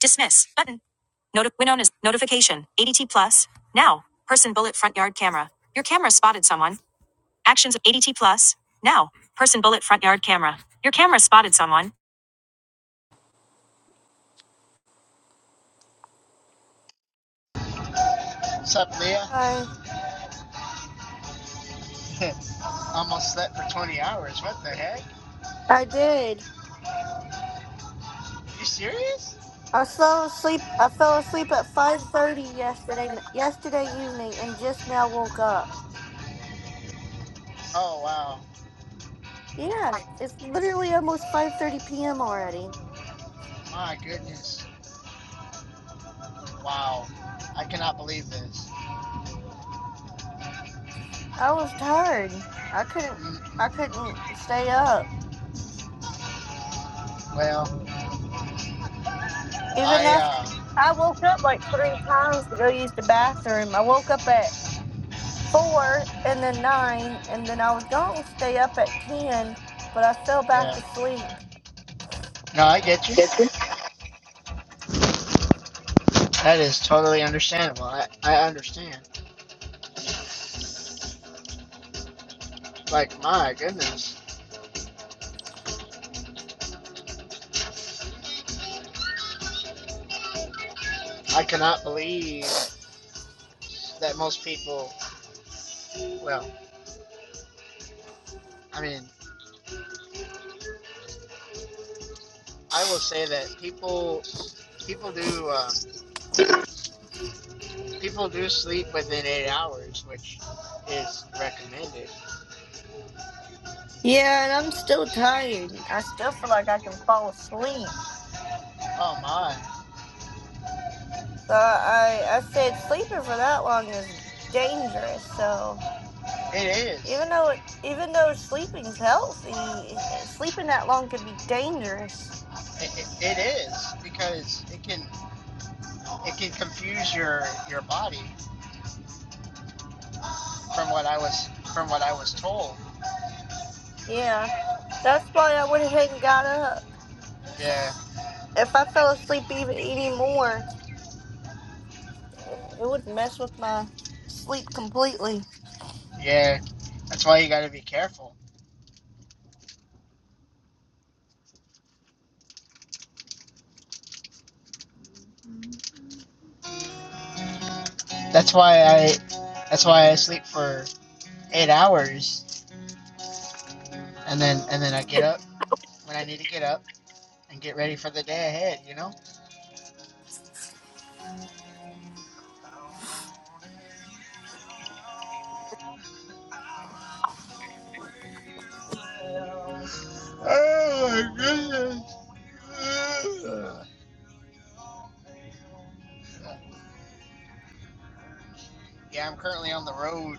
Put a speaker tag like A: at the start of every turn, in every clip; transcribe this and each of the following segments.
A: Dismiss button. Noti- Winona's notification. ADT plus. Now. Person bullet front yard camera. Your camera spotted someone. Actions of ADT plus. Now. Person bullet front yard camera. Your camera spotted someone.
B: What's up, Leah?
A: I
B: Almost slept for 20 hours. What the heck?
A: I did.
B: You serious?
A: I fell asleep. I fell asleep at five thirty yesterday yesterday evening and just now woke up.
B: Oh, wow.
A: Yeah, it's literally almost five thirty p.m. already.
B: My goodness. Wow. I cannot believe this.
A: I was tired. I couldn't.
B: Mm,
A: I couldn't stay up.
B: Well,
A: Even
B: I,
A: after
B: uh,
A: I woke up like three times to go use the bathroom, I woke up at four and then nine, and then I was going to stay up at 10, but I fell back
B: yeah.
A: asleep.
B: No, I get you. That is totally understandable. I, I understand. Like, my goodness. I cannot believe that most people, well, I mean, I will say that people people do uh, people do sleep within eight hours, which is recommended.
A: Yeah, and I'm still tired. I still feel like I can fall asleep.
B: Oh my,
A: So I, I said sleeping for that long is dangerous. So
B: it is.
A: even though it, even though sleeping's healthy, eh, sleeping that long can be dangerous.
B: It, it, it is because it can it can confuse your your body from what I was from what I was told.
A: Yeah, that's why I went ahead and got up.
B: Yeah,
A: If I fell asleep even any more, it it would mess with my sleep completely.
B: yeah. That's why you got to be careful. That's why I that's why I sleep for eight hours and then and then I get up when I need to get up and get ready for the day ahead. You know. Oh my goodness. Uh, Yeah, I'm currently on the road.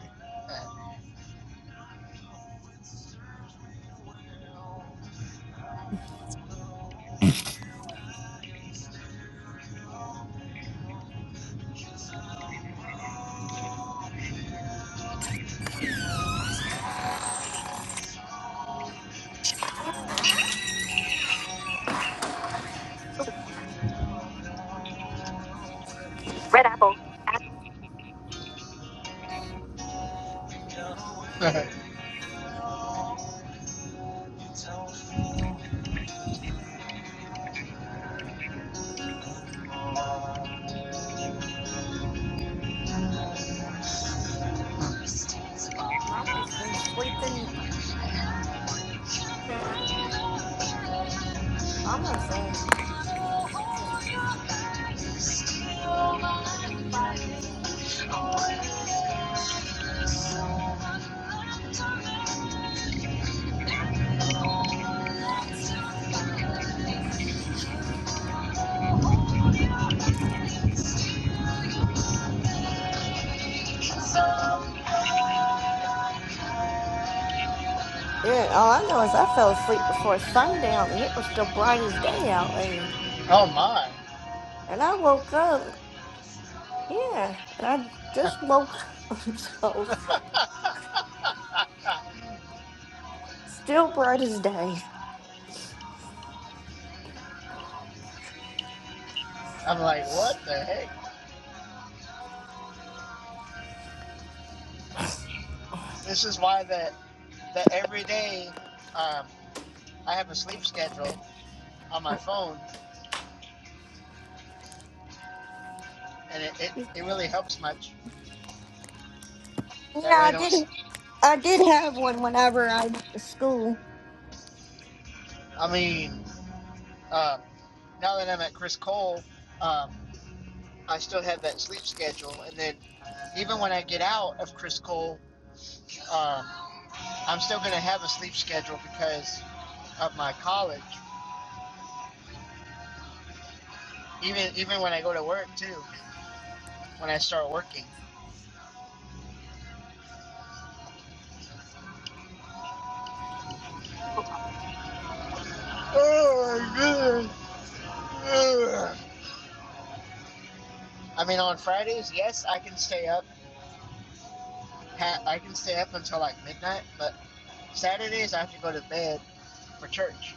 A: Mama's been sleeping. Mama says. yeah. All I know is I fell asleep before sundown, and it was still bright as day out there.
B: oh my.
A: And I woke up, yeah, and I just woke up, so still bright as day.
B: I'm like, what the heck? This is why that that every day um, I have a sleep schedule on my phone, and it, it, it really helps much. That way,
A: Yeah,
B: I
A: I
B: don't. s-
A: did I did have one whenever I went to school.
B: I mean, um, now that I'm at Chris Cole, um, I still have that sleep schedule, and then even when I get out of Chris Cole, um, I'm still gonna have a sleep schedule because of my college. Even even when I go to work too, when I start working.
A: Oh,
B: Oh my god. I mean, on Fridays, yes, I can stay up. Ha- I can stay up until like midnight, but Saturdays I have to go to bed for church.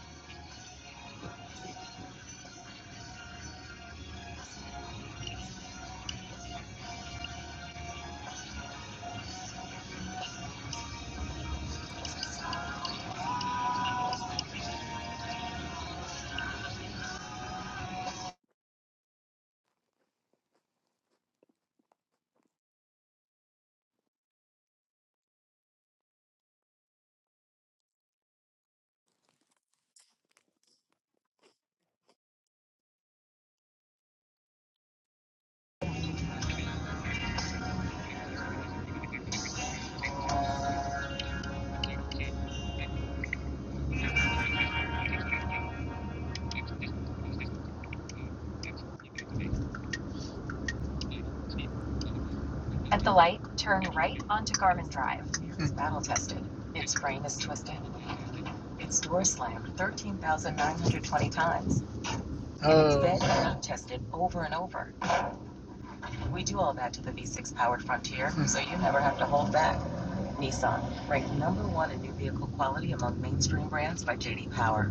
B: At the light, turn right onto Garmin Drive. It's battle tested. Its frame is twisted. Its door slammed 13,920 times. It's Oh. It's been not tested over and over. We do all that to the V6 powered Frontier, so you never have to hold back. Nissan, ranked number one in new vehicle quality among mainstream brands by JD Power.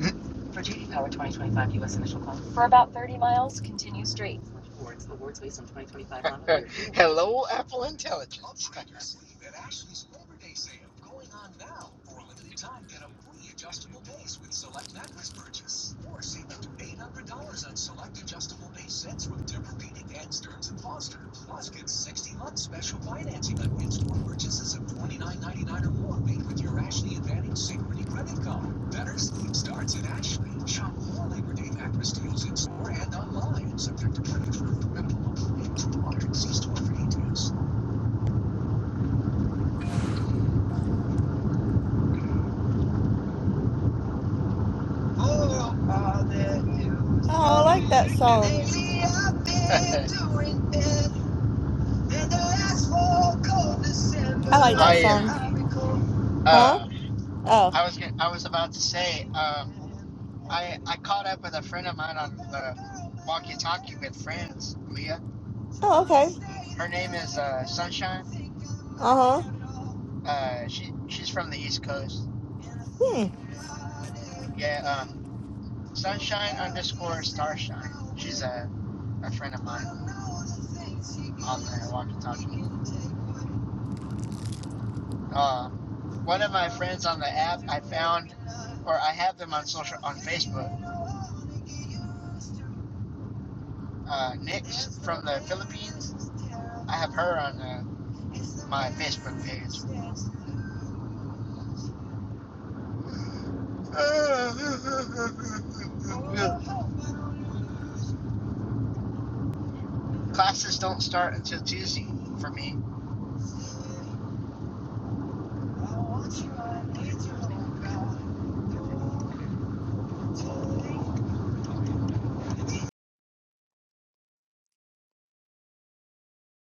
B: For JD Power 2025 U.S. initial call. For about 30 miles, continue straight. Awards. Awards based on 2025 model Hello, Apple Intelligence. At Ashley's Labor Day sale going on on now. For a limited time, get a free adjustable adjustable base base with with select select mattress purchase. Or save up to $800 sets with different people. At Stearns and Foster, plus get 60 month special financing on in-store purchases of 29 ninety-nine or more made with your Ashley Advantage Synchrony credit card. Better sleep starts at Ashley. Shop all Labor Day mattress deals in store and online. Subject to credit for minimum and two hundred. See store for details. Oh, all the news.
A: I
B: Well,
A: like that song.
B: lately I've been doing bad, and the asphalt cold
A: I
B: December.
A: like
B: I
A: that song.
B: am.
A: Huh?
B: Uh,
A: Oh.
B: I was gonna, I was about to say, um, I I caught up with a friend of mine on the walkie-talkie with friends, Leah.
A: Oh, okay.
B: Her name is uh, Sunshine.
A: Uh huh.
B: Uh, she she's from the East Coast.
A: Hmm.
B: Yeah, um, Sunshine underscore Starshine. She's a a friend of mine on the walkie-talkie. Uh, one of my friends on the app, I found, or I have them on social on Facebook. Uh, Nix from the Philippines. I have her on uh, my Facebook page. Classes don't start until Tuesday for me.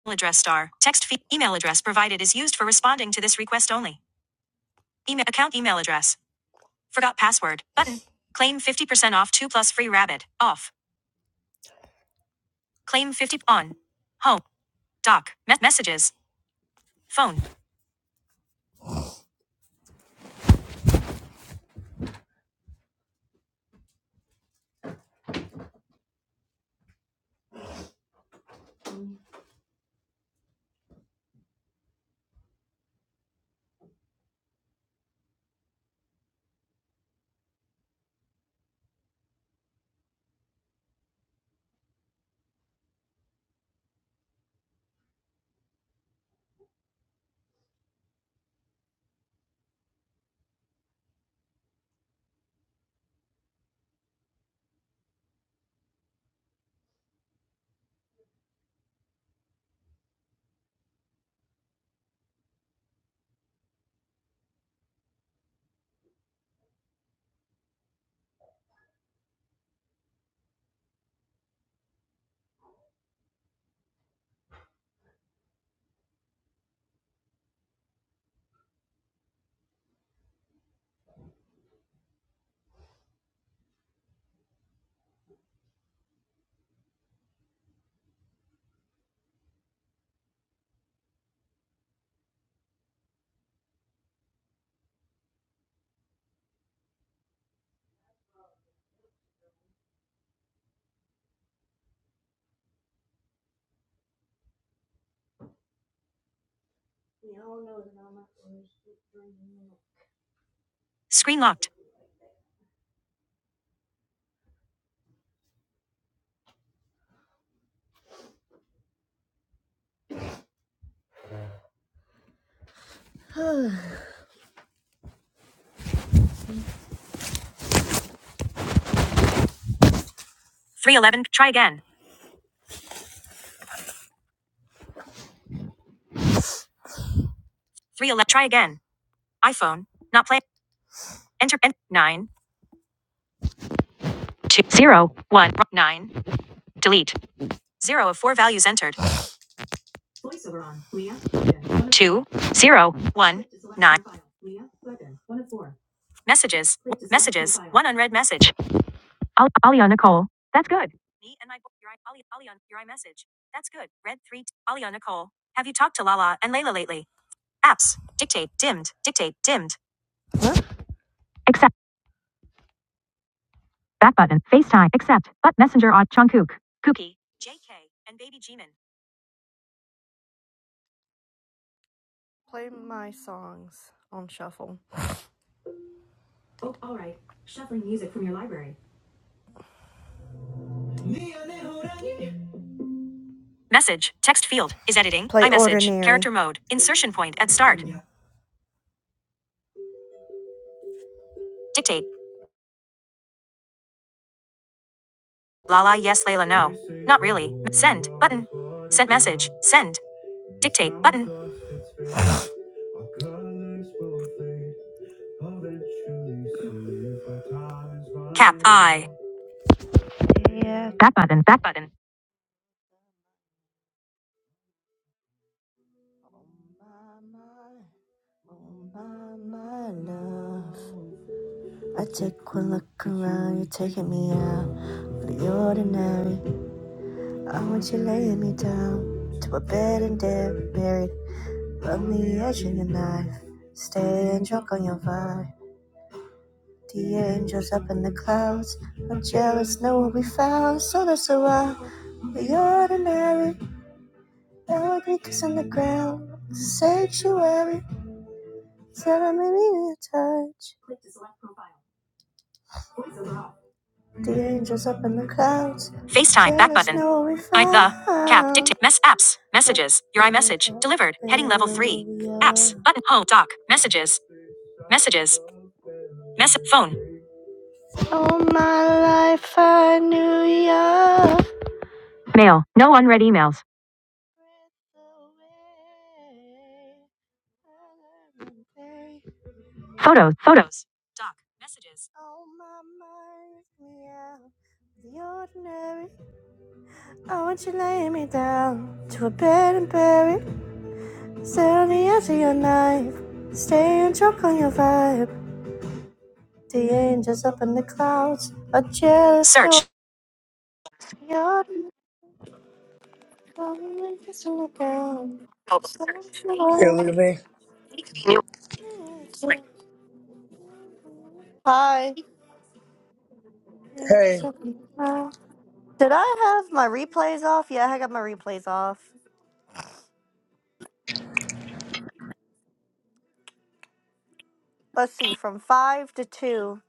A: Email address star. Text fee. Email address provided is used for responding to this request only. Email account email address. Forgot password. Button. Claim 50% off 2 plus free rabbit. Off. Claim 50 on. Home. Doc. Me- messages. Phone. Screen locked. 311. Try again. 311. Try again. iPhone. Not play. Enter. En- 9. 2. 0. 1. 9. Delete. 0 of 4 values entered. 2. 0. 1. 9. Messages. Messages. 1 unread message. Al- Aliana Cole. That's good. Me and my bo- your I- Ali- Aliana, your iMessage. That's good. Red three. T- Aliana Cole. Have you talked to Lala and Layla lately? Apps. Dictate. Dimmed. Dictate. Dimmed. Accept. Back button. FaceTime. Accept. But Messenger on Jungkook. Kookie. JK. And Baby Jimin. My songs on shuffle. All right. Shuffling music from your library. Message. Text field. Is editing. Play iMessage. ordinary. Character mode. Insertion point at start. Dictate. Lala. Yes. Layla. No. Not really. Send. Button. Sent message. Send. Dictate button. I. Back button. Back button. I take one look around, you're taking me out of the ordinary. I want you laying me down to a bed and dead buried. I'm sorry, now I because on the ground. It's a sanctuary, so I'm in your time. The angels up in the clouds. FaceTime back button. no I the cap dictate mess apps messages your iMessage delivered heading level three apps button home doc messages messages mess phone All my life I knew you. mail no unread emails photos photos doc messages Oh my mind, yeah. The ordinary I want you laying me down to a bed and bury. Sit on the edge of your knife. Stay and choke on your vibe. The angels up in the clouds are jealous. Search. Your So
C: Hey, look at me.
A: sure. Hi.
C: Hey.
A: Did I have my replays off? Yeah, I got my replays off. Let's see, from 5 to 2.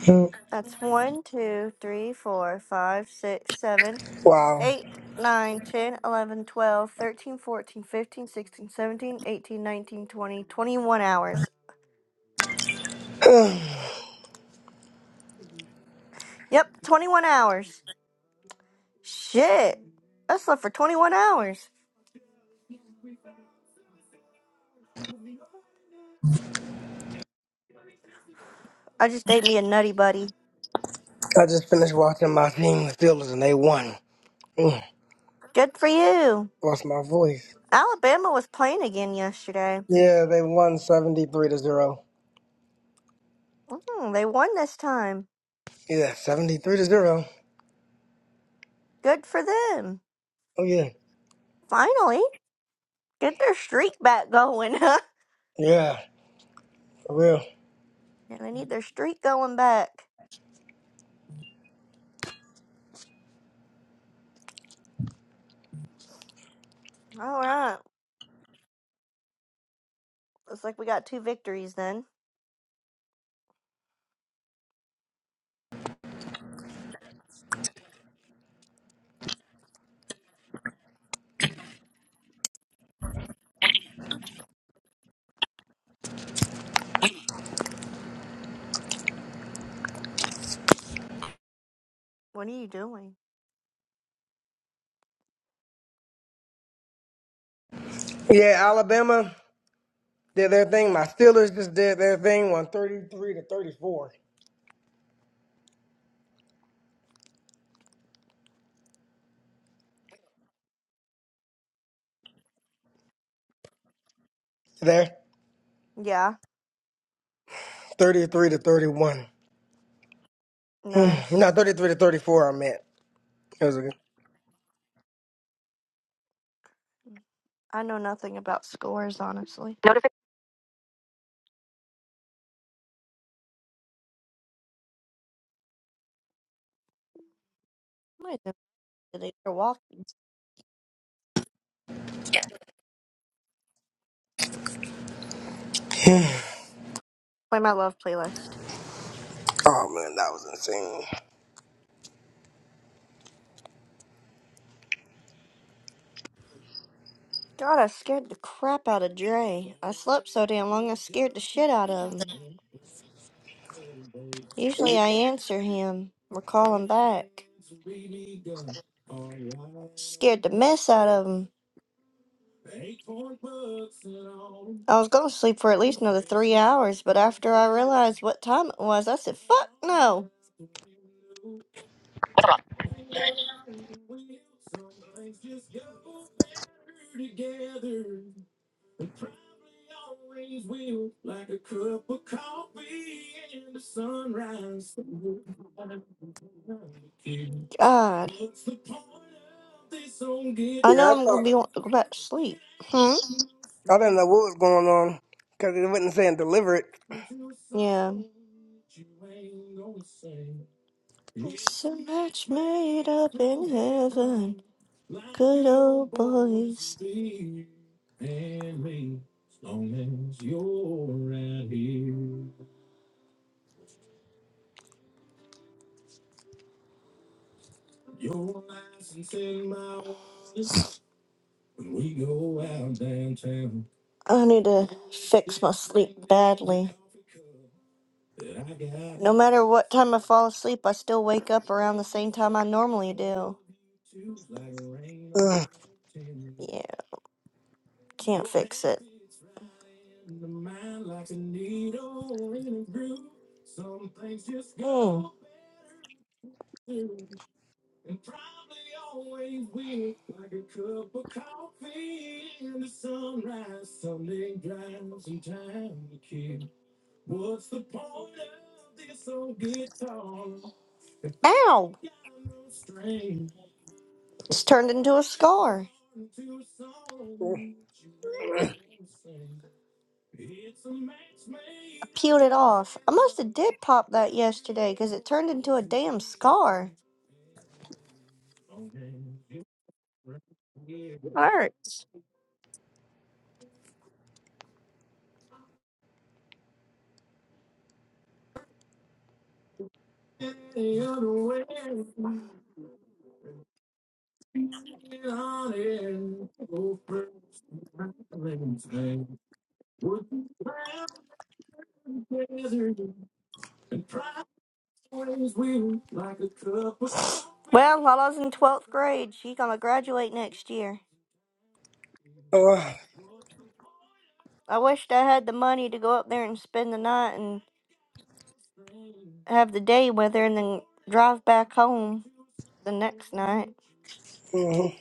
C: Mm,
A: That's one, two, three, four, five, six, seven.
C: Wow.
A: 8, nine, ten, eleven, twelve, thirteen, fourteen, fifteen, sixteen, seventeen, eighteen, nineteen, twenty, twenty-one hours. Yep, 21 hours. Shit. I slept for 21 hours. I just ate me a nutty buddy.
C: I just finished watching my team, the Steelers, and they won. Mm,
A: Good for you.
C: Lost my voice.
A: Alabama was playing again yesterday.
C: Yeah, they won 73 to 0.
A: Mm, they won this time.
C: Yeah, 73 to 0.
A: Good for them.
C: Oh, yeah.
A: Finally, get their streak back going, huh?
C: Yeah, for real.
A: Yeah, they need their streak going back. All right. Looks like we got two victories then. What are you doing?
C: Yeah, Alabama did their thing. My Steelers just did their thing, won 33 to 34. There.
A: Yeah,
C: 33 to 31.
A: Nice.
C: No, 33 to 34, I meant. It was a good.
A: I know nothing about scores, honestly. Notification. Might know they are walking. Play my love playlist.
C: Oh, man, that was insane.
A: God, I scared the crap out of Dre. I slept so damn long I scared the shit out of him. Usually I answer him or call him back. Scared the mess out of him. I was gonna sleep for at least another three hours, but after I realized what time it was, I said, fuck no. God. I
C: Yeah,
A: know
C: I
A: I'm gonna be
C: thought.
A: want to go back to sleep. Hmm?
C: I didn't know what was going on because it wasn't saying deliver it.
A: Yeah. There's so much made up in heaven. Good old boys. I need to fix my sleep badly. No matter what time I fall asleep, I still wake up around the same time I normally do.
C: Uh,
A: Yeah. Can't fix it. Mm. Ow! It's turned into a scar.
C: uh,
A: I peeled it off. I must have did pop that yesterday because it turned into a damn scar. Hurts. Well, Lala's in 12th grade. She's going to graduate next year. I wished I had the money to go up there and spend the night and have the day with her and then drive back home the next night.
C: mhm,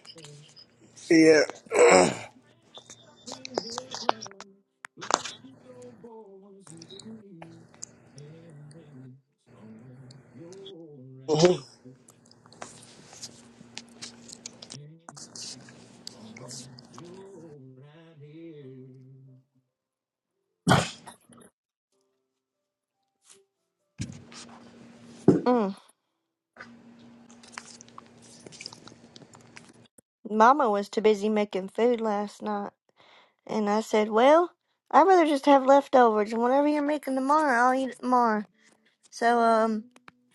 C: yeah. Mhm,
A: Mm. Mama was too busy making food last night. And I said, Well, I'd rather just have leftovers. And whatever you're making tomorrow, I'll eat it tomorrow. So, um,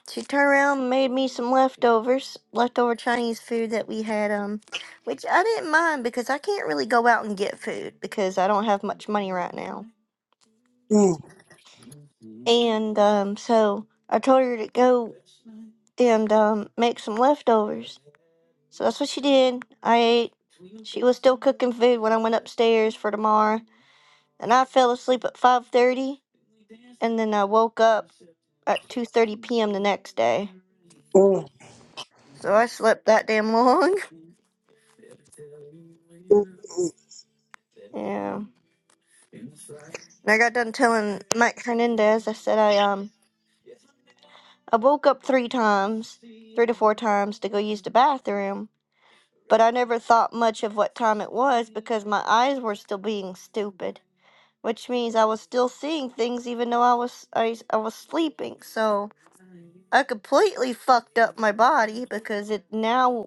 A: she turned around and made me some leftovers, leftover Chinese food that we had, um, which I didn't mind because I can't really go out and get food because I don't have much money right now.
C: mm,
A: And, um, so I told her to go and, um, make some leftovers. So that's what she did. I ate. She was still cooking food when I went upstairs for tomorrow and I fell asleep at 5:30 and then I woke up at 2:30 p.m. the next day.
C: mm, mm,
A: So I slept that damn long. Yeah. And I got done telling Mike Hernandez I said I um I woke up 3 times, 3 to 4 times to go use the bathroom, but I never thought much of what time it was because my eyes were still being stupid, which means I was still seeing things even though I was I, I was sleeping. So I completely fucked up my body because it now.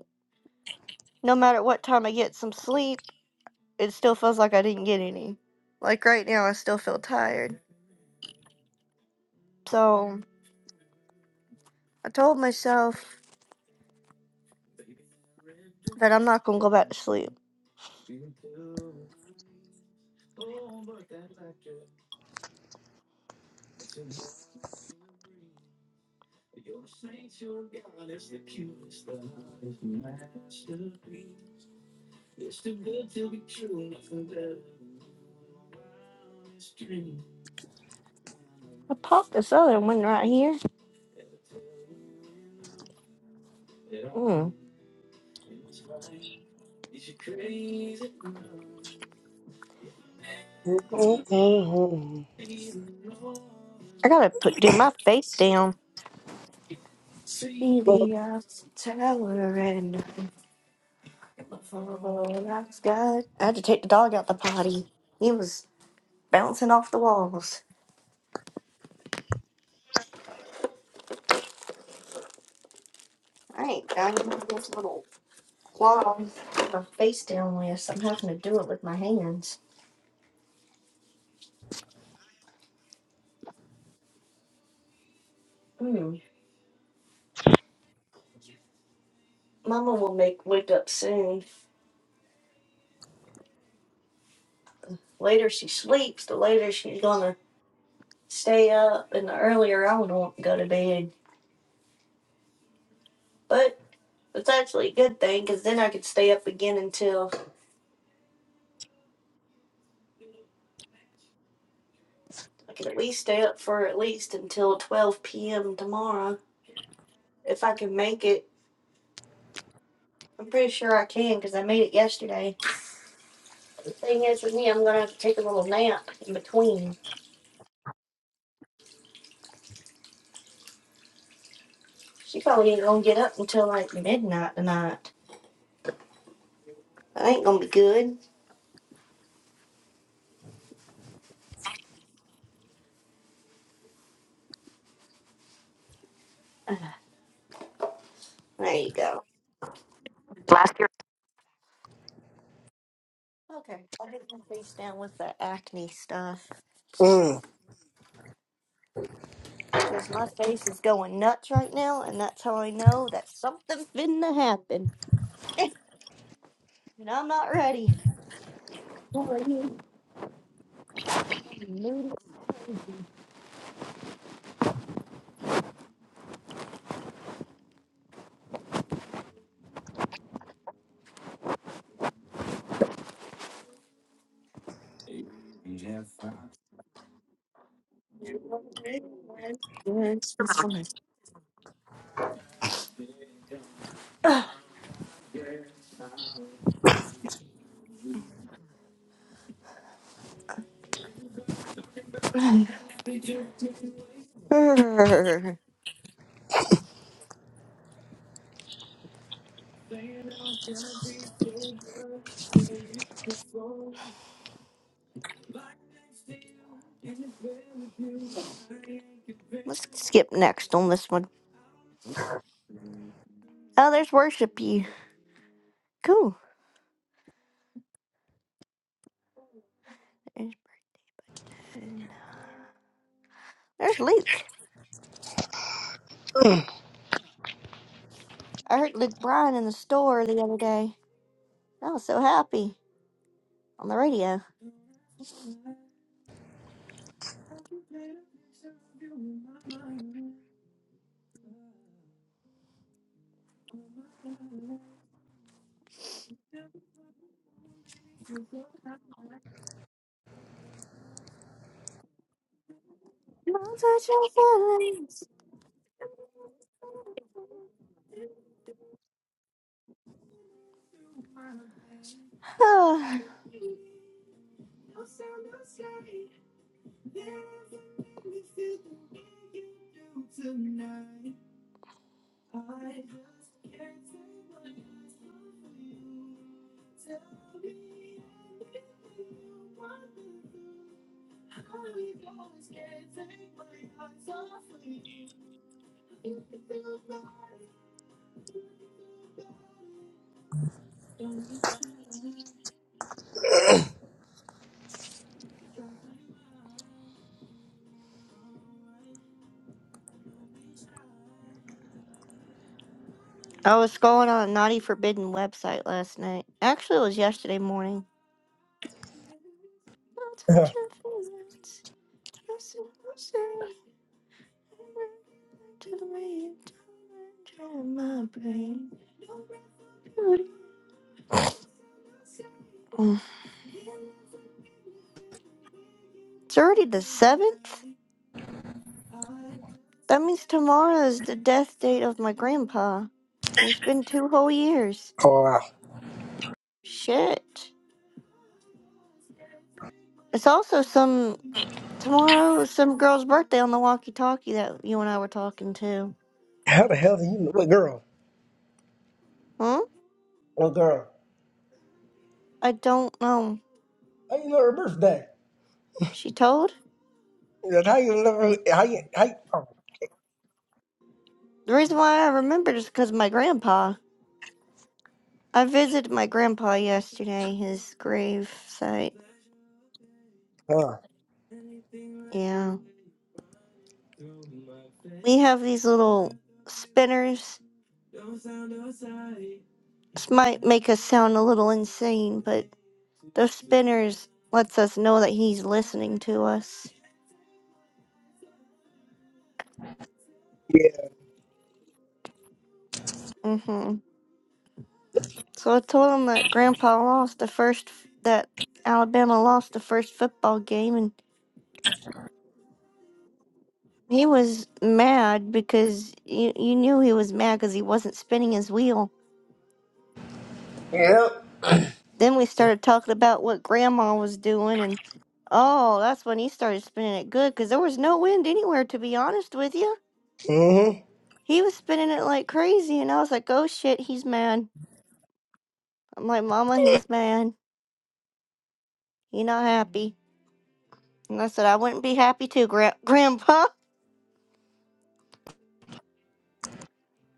A: no matter what time I get some sleep, it still feels like I didn't get any. Like right now, I still feel tired. So I told myself that I'm not gonna go back to sleep. I popped this other one right here. Mm.
C: mm, mm,
A: I gotta put do my face down. See
C: mm,
A: the Eiffel tower and all I've got. I had to take the dog out the potty. He was bouncing off the walls. I ain't done with this little claws with my face down with, so I'm having to do it with my hands. Mm. Mama will make wake up soon. Later she sleeps, the later she's gonna stay up, and the earlier I would want to go to bed. But it's actually a good thing because then I could stay up again until I could at least stay up for at least until 12 p.m. tomorrow if I can make it. I'm pretty sure I can because I made it yesterday. The thing is, with me, I'm gonna have to take a little nap in between. She probably ain't gonna get up until like midnight tonight. That ain't gonna be good. There you go. Okay, I'll get my face down with the acne stuff.
C: mm.
A: Cause my face is going nuts right now, and that's how I know that something's finna happen. And I'm not ready. Let's skip next on this one. Oh, there's worship you. Cool. There's Brandon. There's Luke. I heard Luke Bryan in the store the other day. I was so happy on the radio. Don't touch your feelings. Ah. I was scrolling on a naughty forbidden website last night. Actually, it was yesterday morning. Don't
C: Uh,
A: touch your feelings. Don't touch your feelings. It's already the seventh. That means tomorrow is the death date of my grandpa. It's been two whole years.
C: Oh, wow.
A: Shit. It's also some tomorrow is some girl's birthday on the walkie-talkie that you and I were talking to.
C: How the hell do you know? What girl?
A: Huh?
C: What girl?
A: I don't know.
C: How you know her birthday?
A: She told?
C: That How you know her? How you, how you, oh,
A: The reason why I remembered is because my grandpa. I visited my grandpa yesterday, his grave site.
C: uh,
A: Yeah. We have these little spinners. This might make us sound a little insane, but those spinners lets us know that he's listening to us.
C: yeah.
A: hmm So I told him that grandpa lost the first, that Alabama lost the first football game and. He was mad because you, you knew he was mad because he wasn't spinning his wheel.
C: Yep.
A: Then we started talking about what grandma was doing, and oh, that's when he started spinning it good because there was no wind anywhere, to be honest with you.
C: Mm-hmm.
A: He was spinning it like crazy, and I was like, oh shit, he's mad. I'm like, Mama, he's mad. He not happy. And I said, I wouldn't be happy too, gra- Grandpa.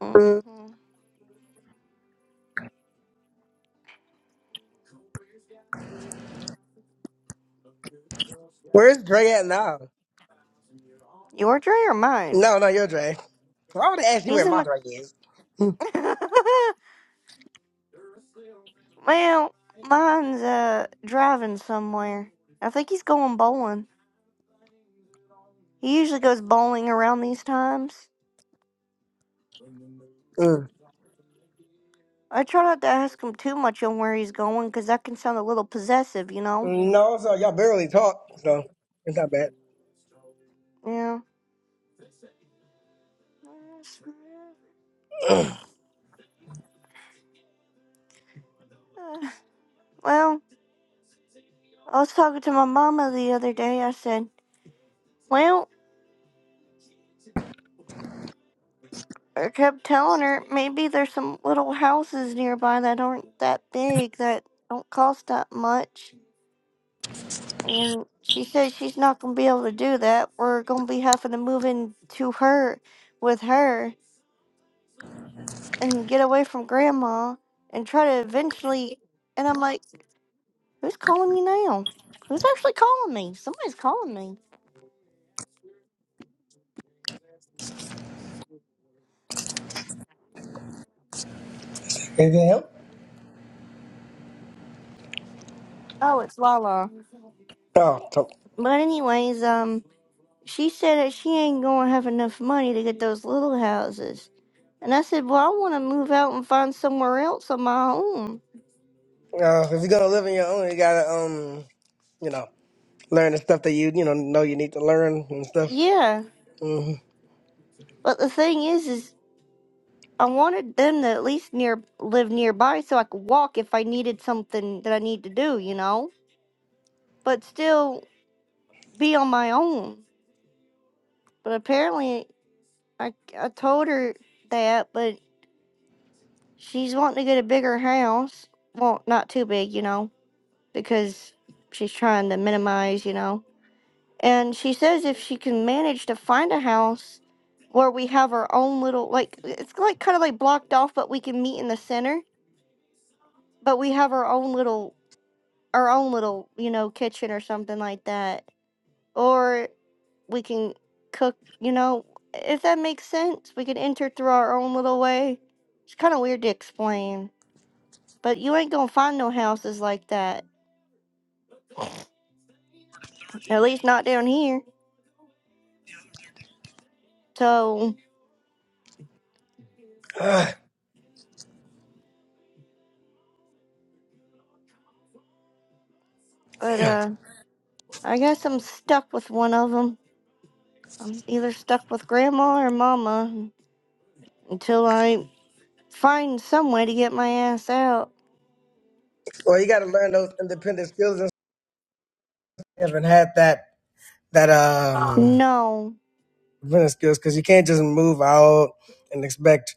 A: hmm
C: Mm. Where's Dre at now?
A: Your tray or mine?
C: No, no, you're Dre. Why would I ask you
A: He's
C: where
A: in
C: my
A: the.
C: Dre is?
A: Well, mine's uh driving somewhere. I think he's going bowling. He usually goes bowling around these times.
C: Mm.
A: I try not to ask him too much on where he's going, 'cause that can sound a little possessive, you know?
C: No, so y'all barely talk, so it's not bad.
A: Yeah. Uh, Well, I was talking to my mama the other day. I said, Well, I kept telling her maybe there's some little houses nearby that aren't that big, that don't cost that much. And she said she's not gonna be able to do that. We're gonna be having to move in to her with her and get away from grandma and try to eventually and I'm like, Who's calling me now? Who's actually calling me? Somebody's calling me.
C: Anything else?
A: Oh, it's Lala.
C: Oh,
A: But anyways, um she said that she ain't gonna have enough money to get those little houses. And I said, Well, I wanna move out and find somewhere else on my own.
C: Uh, if you're gonna live on your own, you gotta um, you know, learn the stuff that you you know know you need to learn and stuff.
A: Yeah.
C: hmm
A: But the thing is is I wanted them to at least near live nearby so I could walk if I needed something that I need to do, you know, but still be on my own. But apparently, I, I told her that, but she's wanting to get a bigger house. Well, not too big, you know, because she's trying to minimize, you know. And she says if she can manage to find a house where we have our own little, like, it's like kind of like blocked off, but we can meet in the center, but we have our own little our own little, you know, kitchen or something like that. Or we can cook, you know, if that makes sense. We can enter through our own little way. It's kind of weird to explain, but you ain't gonna find no houses like that. At least not down here. So,
C: Ah,
A: but
C: damn.
A: uh, I guess I'm stuck with one of them. I'm either stuck with grandma or mama until I find some way to get my ass out.
C: Well, you gotta learn those independent skills and I haven't had that that um
A: No.
C: independent skills because you can't just move out and expect.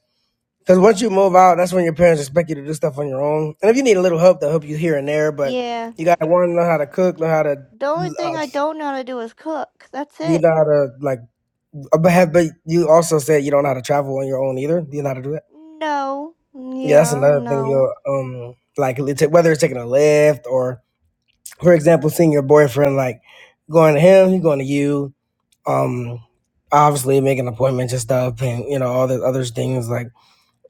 C: Because once you move out, that's when your parents expect you to do stuff on your own. And if you need a little help, they'll help you here and there. But
A: Yeah.
C: you gotta want to know how to cook, know how to,
A: The only thing
C: uh,
A: I don't know how to do is cook. That's
C: you
A: it.
C: know how to like. But have, but you also said you don't know how to travel on your own either. Do you know how to do that?
A: No. mm,
C: Yeah, that's
A: Yeah,
C: another thing
A: no.
C: you'll um like lit- whether it's taking a lift or for example seeing your boyfriend like going to him, he going to you. Um obviously making appointments and stuff and you know, all the other things like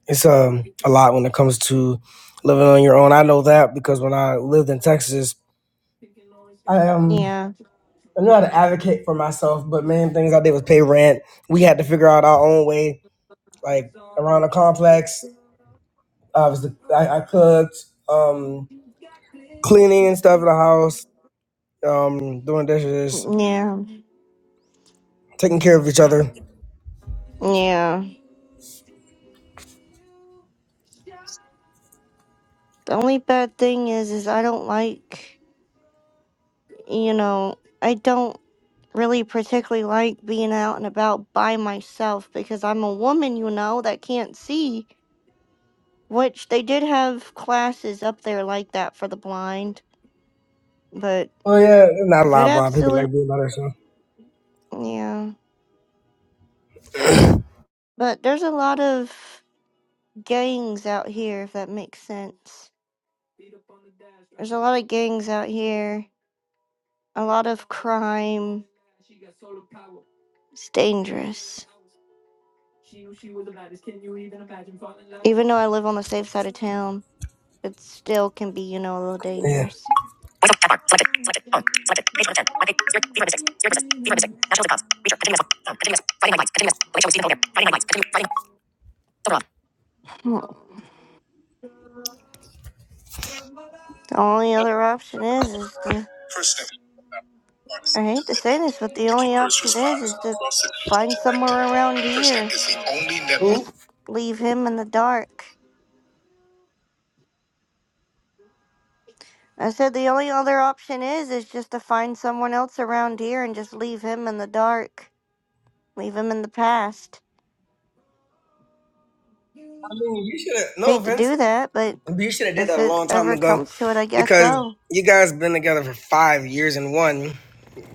C: it's um a lot when it comes to living on your own. I know that because when I lived in Texas, I um
A: Yeah.
C: I knew how to advocate for myself, but main things I did was pay rent. We had to figure out our own way, like around the complex. Obviously I, I cooked. Um cleaning and stuff in the house, um, doing dishes,
A: Mm, Yeah.
C: taking care of each other.
A: Yeah. The only bad thing is is I don't like, you know, I don't really particularly like being out and about by myself because I'm a woman, you know, that can't see, which they did have classes up there like that for the blind, but
C: Oh yeah, not a
A: if it
C: lot, blah. People
A: absolutely
C: like doing all that stuff.
A: Yeah. But there's a lot of gangs out here, if that makes sense. There's a lot of gangs out here, a lot of crime. It's dangerous. Even though I live on the safe side of town, it still can be, you know, a little
C: Yeah.
A: dangerous.
C: First
A: Hmm. The only other option is, is to,
C: step,
A: I
C: artisan
A: hate to say
C: commitment
A: this, but the
C: to keep
A: only
C: first
A: option is,
C: responders
A: is to
C: across the nation
A: find
C: connected.
A: somewhere around
C: First step
A: here.
C: is the only network.
A: and
C: Who?
A: just leave him in the dark. I said the only other option is is just to find someone else around here and just leave him in the dark. Leave him in the past.
C: I mean, you should. No
A: Hate to
C: offense.
A: do that, but
C: You should have did
A: if
C: that a
A: it
C: long time
A: ever
C: ago,
A: comes to it, I guess
C: because
A: so.
C: you guys been together for five years and one.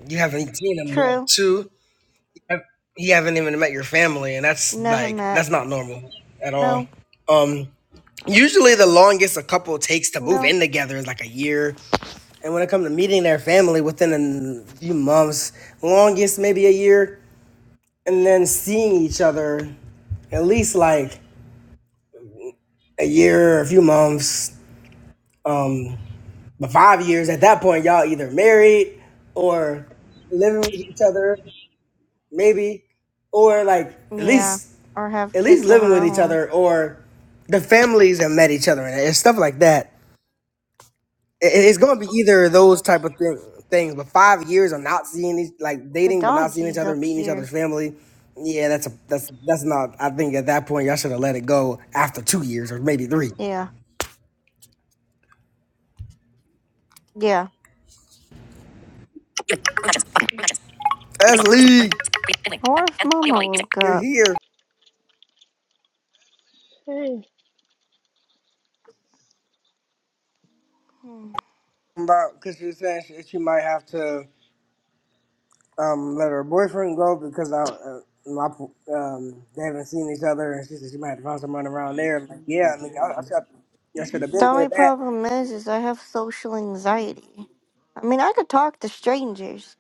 C: You haven't seen him yet.
A: True.
C: Two, you haven't even met your family, and that's
A: Never
C: like
A: met.
C: that's not normal at all.
A: No.
C: Um, usually the longest a couple takes to move
A: No.
C: in together is like a year, and when it comes to meeting their family within a few months, longest maybe a year, and then seeing each other at least like a year, a few months. Um, But five years at that point, y'all either married or living with each other, maybe, or like at
A: Yeah.
C: least
A: Or have
C: at least
A: kids of
C: living
A: her
C: with each
A: own.
C: other, or the families have met each other and it's stuff like that. It- it's going to be either of those type of thing, things. But five years of not seeing each, like
A: The
C: dating but not seeing each
A: doggies
C: other,
A: up
C: meeting each
A: here.
C: other's family. Yeah, that's a that's that's not. I think at that point y'all should have let it go after two years or maybe three.
A: Yeah. Yeah.
C: That's Lee.
A: Or if Mama woke
C: You're
A: up.
C: here.
D: Dang.
A: Hmm.
C: about because she was saying she, she might have to um let her boyfriend go because I uh, my um they haven't seen each other and she said she might have to find someone around there. I'm like, yeah, I mean, I, I should I should have
A: The
C: been there.
A: only
C: That
A: problem is, is I have social anxiety. I mean, I could talk to strangers,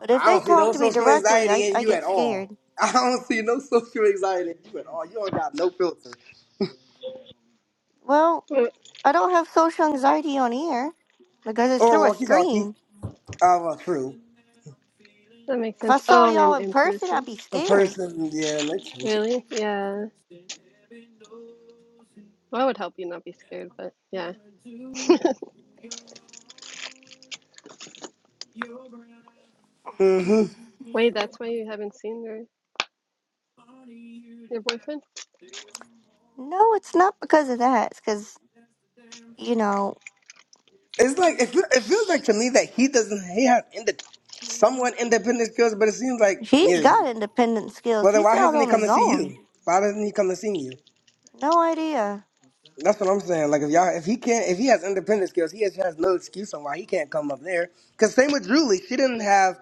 A: but if
C: I
A: they
C: don't see no
A: talk to me
C: social
A: directly,
C: anxiety
A: I,
C: in
A: I
C: you
A: get
C: at all.
A: scared.
C: I don't see no social anxiety in you at all. You don't got no filter
A: Well,
D: Well,
A: I don't have social anxiety on here because it's
C: or
A: through a
C: walkie talkie.
A: screen.
C: Oh, well, true.
D: That makes
A: If I
D: sense.
A: saw
D: Oh,
A: y'all
D: in,
A: in
D: in
A: person, I'd
D: person.
A: be
C: The
A: scared.
C: person, yeah, makes sense.
D: Really? Yeah. Well, I would help you not be scared, but yeah.
C: hmm
D: Wait, that's why you haven't seen your your boyfriend?
A: No, it's not because of that. It's because, you know,
C: It's like it, feel- it feels like to me that he doesn't he has independent, somewhat independent skills, but it seems like
A: he's
C: yeah.
A: got independent skills.
C: Well, then
A: He's
C: why
A: out
C: hasn't he
A: on
C: come
A: his
C: to see
A: own.
C: you? Why doesn't he come to see you?
A: No idea.
C: That's what I'm saying. Like if y'all, if he can't, if he has independent skills, he has, has no excuse on why he can't come up there. Cause same with Julie, she didn't have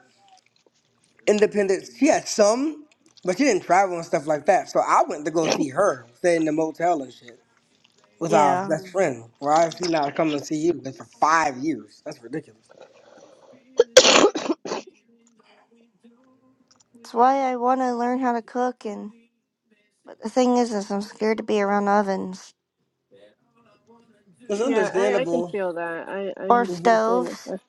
C: independent. She had some, but she didn't travel and stuff like that. So I went to go see her, stay in the motel and shit with our
A: Yeah.
C: best friend. Why is he not coming to see you? Been for five years. That's ridiculous.
A: That's why I want to learn how to cook and. But the thing is, is I'm scared to be around ovens.
C: It's
D: Yeah, I, I can
C: understandable.
D: feel that. I, I'm
A: or
D: the
C: hmm
D: same with
A: stoves.
D: that.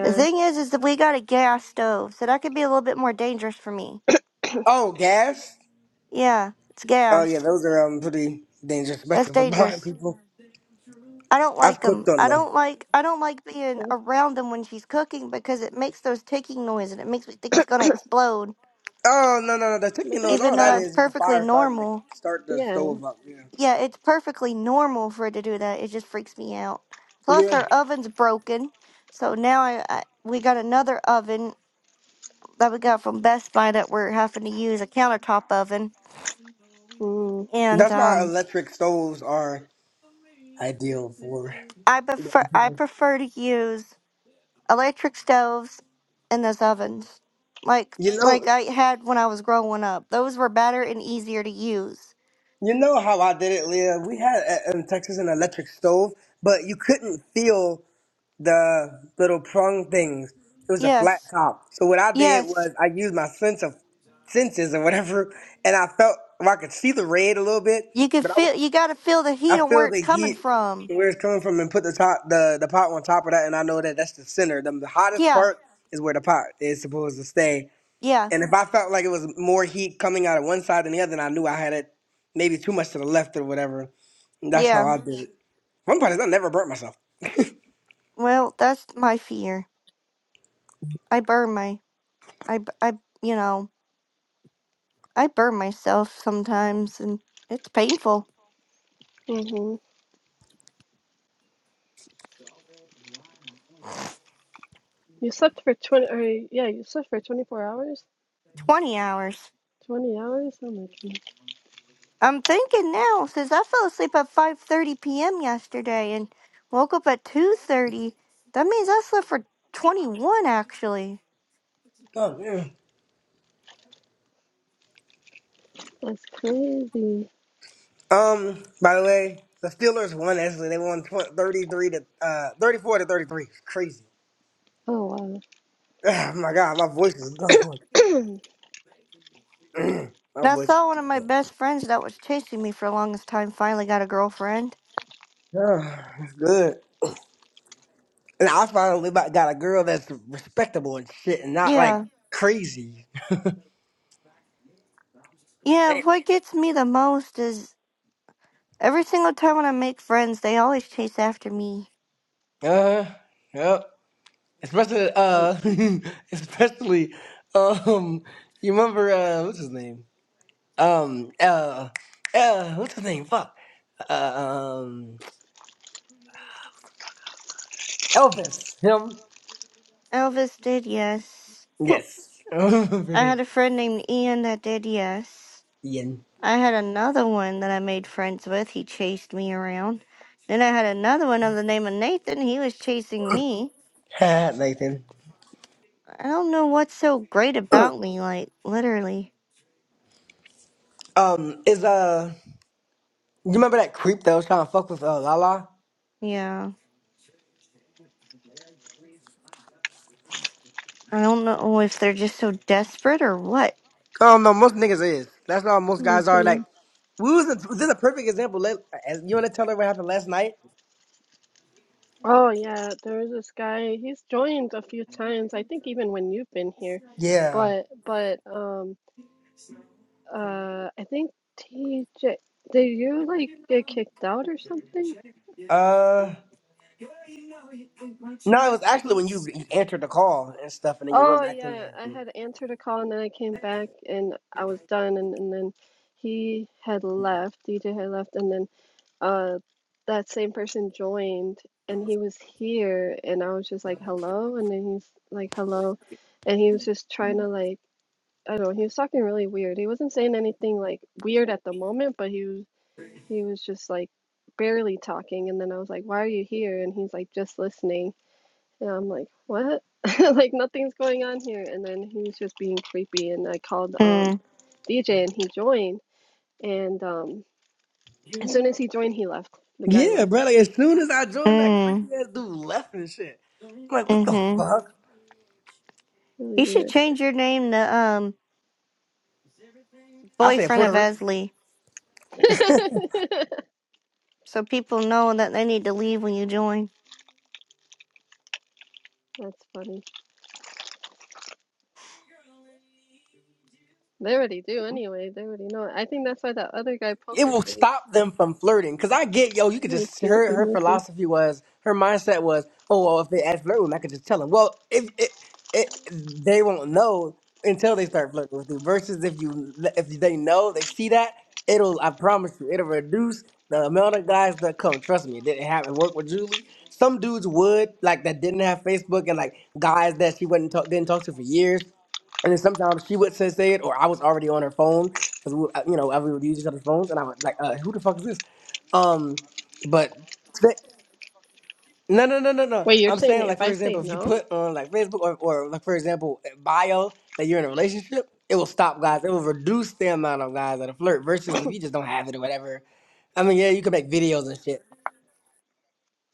A: The thing is, is that we got a gas stove, so that could be a little bit more dangerous for me.
C: Oh, gas.
A: Yeah, it's
C: Oh yeah,
A: gas.
C: those are um pretty dangerous,
A: That's
C: especially for blind
A: dangerous.
C: people.
A: I don't like
C: I've
A: them.
C: cooked on
A: I
C: them.
A: don't like. I don't like
D: me
A: being
D: too.
A: around them when she's cooking because it makes those ticking noises and it makes me think it's gonna explode.
C: Oh no no no! The
D: But
C: chicken
D: they
C: noise,
A: Even
C: all
A: though
C: that
A: that's
D: stopped.
C: is, is the
A: perfectly
C: fire starting to
A: normal.
C: start the
D: Yeah.
C: stove up. Yeah,
A: Yeah, it's perfectly normal for it to do that. It just freaks me out. Plus,
C: yeah.
A: our oven's broken, so now I, I we got another oven that we got from Best Buy that we're having to use a countertop oven
D: Mm,
A: and
C: That's why
A: um,
C: electric stoves are ideal for.
A: I prefer I
C: You
A: prefer to use electric stoves and those ovens, like like
C: know,
A: I had when I was growing up. Those were better and easier to use.
C: you know how I did it, Leah. We had uh, in Texas an electric stove, but you couldn't feel the little prong things. It was a flat
A: Yes,
C: top. So what I did
A: yes,
C: was I used my sense of senses or whatever, and I felt well, I could see the red a little bit,
A: you could
C: but I went
A: feel you got to feel the
C: I
A: heat and where
C: feel
A: it's
C: the
A: coming
C: heat
A: from.
C: where it's coming from and put the top the, the pot on top of that and I know that that's the center. The, the hottest
A: Yeah,
C: part is where the pot is supposed to stay.
A: yeah,
C: And if I felt like it was more heat coming out of one side than the other, then I knew I had it maybe too much to the left or whatever. And that's how
A: yeah.
C: I did it. One part is I never burnt myself.
A: Well, that's my fear. I burn my I b- I you know I burn myself sometimes and it's painful.
D: mm-hmm. You slept for 20, or yeah, you slept for 24 hours?
A: Twenty hours.
D: 20 hours? Oh my goodness.
A: I'm thinking now since I fell asleep at 5:30 p.m. yesterday and woke up at 2:30. That means I slept for 21 actually.
C: Oh, yeah.
D: That's crazy.
C: Um, by the way, the Steelers won actually. They won 20, 33 to uh 34 to 33. It's crazy.
D: Oh,
C: Oh my god, my voice is gone.
D: wow.
C: my
A: And I
C: voice
A: saw one of my
C: is
A: best friends that was chasing me for the longest time finally got a girlfriend.
C: gone. it's good. And I finally about got a girl that's respectable and shit and not like
A: Yeah.
C: crazy.
A: Yeah, what gets me the most is every single time when I make friends, they always chase after me.
C: Uh, yep. Especially,
D: Late.
C: uh, especially, um, you remember, uh, what's his name? Um, uh, uh, what's his name? Fuck. Uh, um, Elvis. Him?
A: Elvis did yes.
C: Yes. Remember
A: I
C: that.
A: had a friend named Ian that did yes.
C: Ian.
A: I had another one that I made friends with. He chased me around. Then I had another one of the name of Nathan. He was chasing me.
C: Nathan.
A: I don't know what's so great about me, like, literally.
C: Um, is, uh, you remember that creep that was trying to fuck with, uh, Lala?
A: Yeah. I don't know if they're just so desperate or what.
C: I don't know. Most niggas is. That's how most guys are.
D: Mhm.
C: Like, we was this is a perfect example. Like, as you want to tell her what happened last night?
D: Oh yeah, there's this guy. He's joined a few times. I think even when you've been here,
C: Yeah.
D: but but um uh I think TJ, did you like get kicked out or something?
C: Uh, no, it was actually when you, you answered the call and stuff, and then you
D: Oh
C: went back in
D: yeah,
C: there.
D: I had answered a call and then I came back and I was done and and then he had left. DJ had left and then uh that same person joined and he was here and I was just like hello and then he's like hello and he was just trying to like. I don't know, he was talking really weird. He wasn't saying anything like weird at the moment, but he was he was just like barely talking and then I was like, "Why are you here?" and he's like, "Just listening." And I'm like, "What?" Like nothing's going on here. And then he was just being creepy and I called um
A: Mm.
D: DJ and he joined and um as soon as he joined, he left. The guy
C: Yeah,
D: left.
C: bro. Like as soon as I joined, that
A: Mm.
C: creepy ass dude left and shit. I'm like, what the
A: Mm-hmm.
C: fuck?
D: Really
A: You should
D: weird.
A: change your name to, um,
C: I said
A: Boyfriend
C: Puerto
A: of
C: Rico.
A: Esley. So people know that they need to leave when you join.
D: That's funny. They already do anyway. They already know. it. I think that's why that other guy,
C: it
D: Poker
C: will
D: Face,
C: stop them from flirting. Cause I get, yo, you could
D: moved
C: just
D: to.
C: her
D: He
C: her
D: moved in.
C: philosophy was her mindset was, oh well, if they ask flirt with me, I could just tell them. Well, if it, it they won't know until they start flirting with you. Versus if you if they know, they see that, it'll I promise you, it'll reduce the amount of guys that come. Trust me, it didn't happen. Work with Julie. Some dudes would like that didn't have Facebook and like guys that she wouldn't talk didn't talk to for years. And then sometimes she would say say it, or I was already on her phone because we, uh, you know, uh, we would use each other's phones, and I would like, uh, who the fuck is this? Um, but th- no, no, no, no, no.
D: Wait, you're
C: I'm
D: saying
C: saying
D: that if
C: like, for
D: I say
C: example, if you
D: no?
C: put on like Facebook or, or like for example bio that you're in a relationship, it will stop guys. It will reduce the amount of guys that are flirt versus if you just don't have it or whatever. I mean, yeah, you can make videos and shit.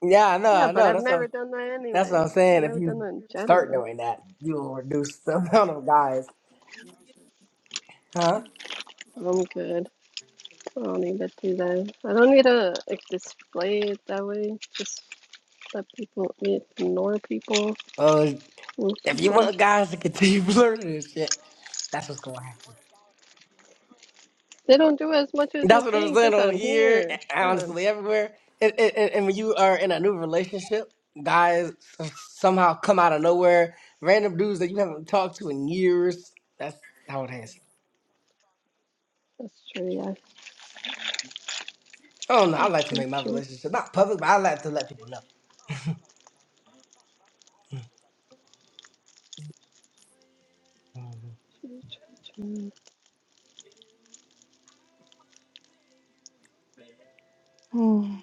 C: Yeah, I know,
D: Yeah,
C: I
D: but
C: know.
D: I've
C: That's what
D: never
C: I'm,
D: done that
C: that's what
D: anyway.
C: I'm
D: I've
C: saying. If
D: never done that
C: you
D: in
C: start
D: general.
C: doing that, you will reduce the amount of guys, huh?
D: I'm good. I don't need to do that. I don't need to like display it that way. Just let people ignore people,
C: Uh,
D: move
C: if you
D: people.
C: want guys to continue flirting and shit, that's what's going to happen.
D: They don't do as much as you
C: That's what I'm
D: think.
C: saying
D: Just
C: on
D: on
C: here,
D: here, not on.
C: honestly, everywhere. And, and, and and when you are in a new relationship, guys somehow come out of nowhere, random dudes that you haven't talked to in years. That's how it is.
D: That's true. Yeah,
C: I don't know. I
D: true,
C: like to
D: true,
C: make my
D: true,
C: relationship not public, but I like to let people know.
D: true, true. true.
A: Mm.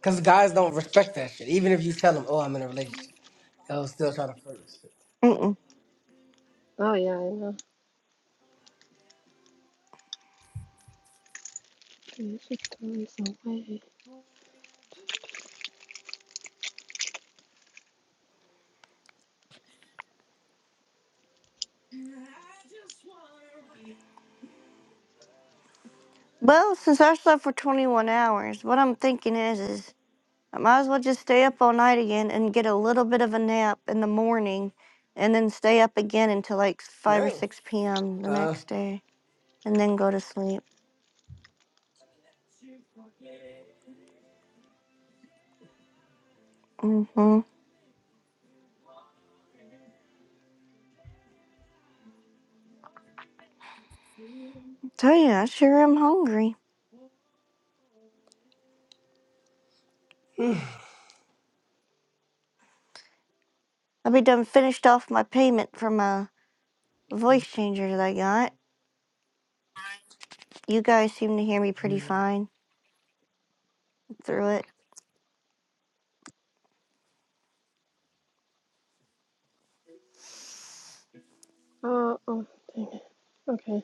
C: Because guys don't respect that shit. Even if you tell them, oh, I'm in a relationship, they'll still try to flirt. shit.
A: Mm-mm.
D: Oh yeah, I know. There's always a way.
A: Well, since I slept for 21 hours, what I'm thinking is, is I might as well just stay up all night again and get a little bit of a nap in the morning and then stay up again until like 5 or
C: No.
A: 6 p.m. the
C: Uh,
A: next day and then go to sleep. hmm Tell you, I sure am hungry. I'll be done finished off my payment for my voice changer that I got. You guys seem to hear me pretty fine through it.
D: Oh, oh, dang it. Okay.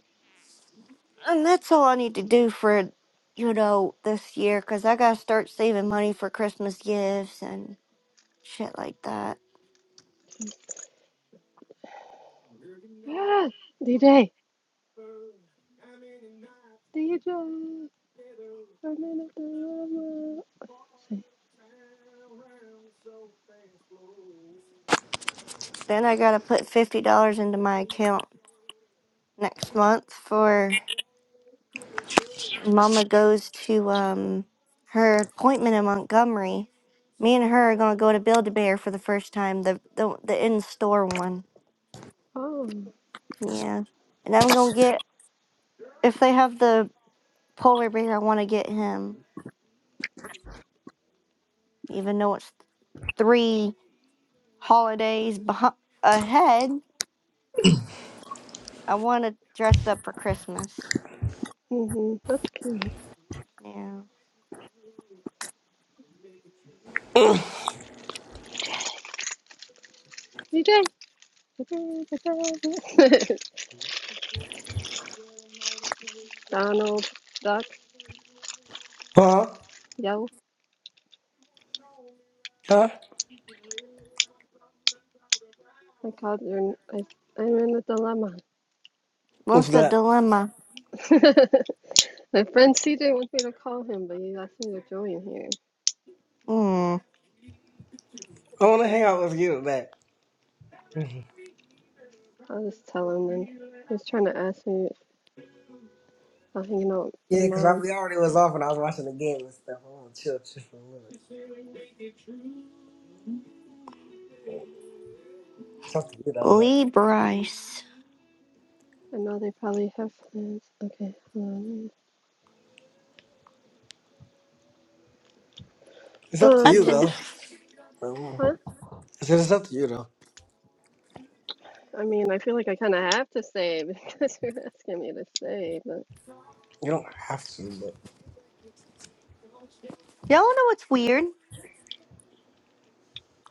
A: And that's all I need to do for, you know, this year because I got to start saving money for Christmas gifts and shit like that.
D: Ah, DJ, DJ. Running up the river. Say,
A: Then I gotta put fifty dollars into my account next month for when Mama goes to um her appointment in Montgomery. Me and her are gonna go to Build a Bear for the first time, the the the in store one.
D: oh,
A: Yeah, and I'm gonna get if they have the polar bear, I want to get him. Even though it's three holidays behind, ahead, I want to dress up for Christmas.
D: mm hmm that's cute.
A: Yeah.
D: DJ. Donald Duck.
C: huh?
D: Yo,
C: Huh?
D: I called your. I, I'm in a dilemma.
C: What's
A: What's the
C: that?
A: dilemma?
D: My friend CJ wants me to call him, but he asked me to join here.
A: Hmm.
C: I want to hang out with you, man.
D: I'll just tell him then. He's trying to ask me if I'm hanging out with
C: Yeah,
D: my
C: because
D: mom.
C: we already was off and I was watching the game and stuff. I want to chill, chill for a minute. It's up to you though, but
A: Lee Bryce.
D: I know they probably have plans. Okay, hold
C: it's up to
A: I
D: on.
C: you
A: t-
D: Um,
C: though.
D: huh?
C: Um, I said it's up to you though.
D: I mean, I feel like I kind of have to say because you're asking me to say, but.
C: You don't have to, but
A: Y'all know what's weird?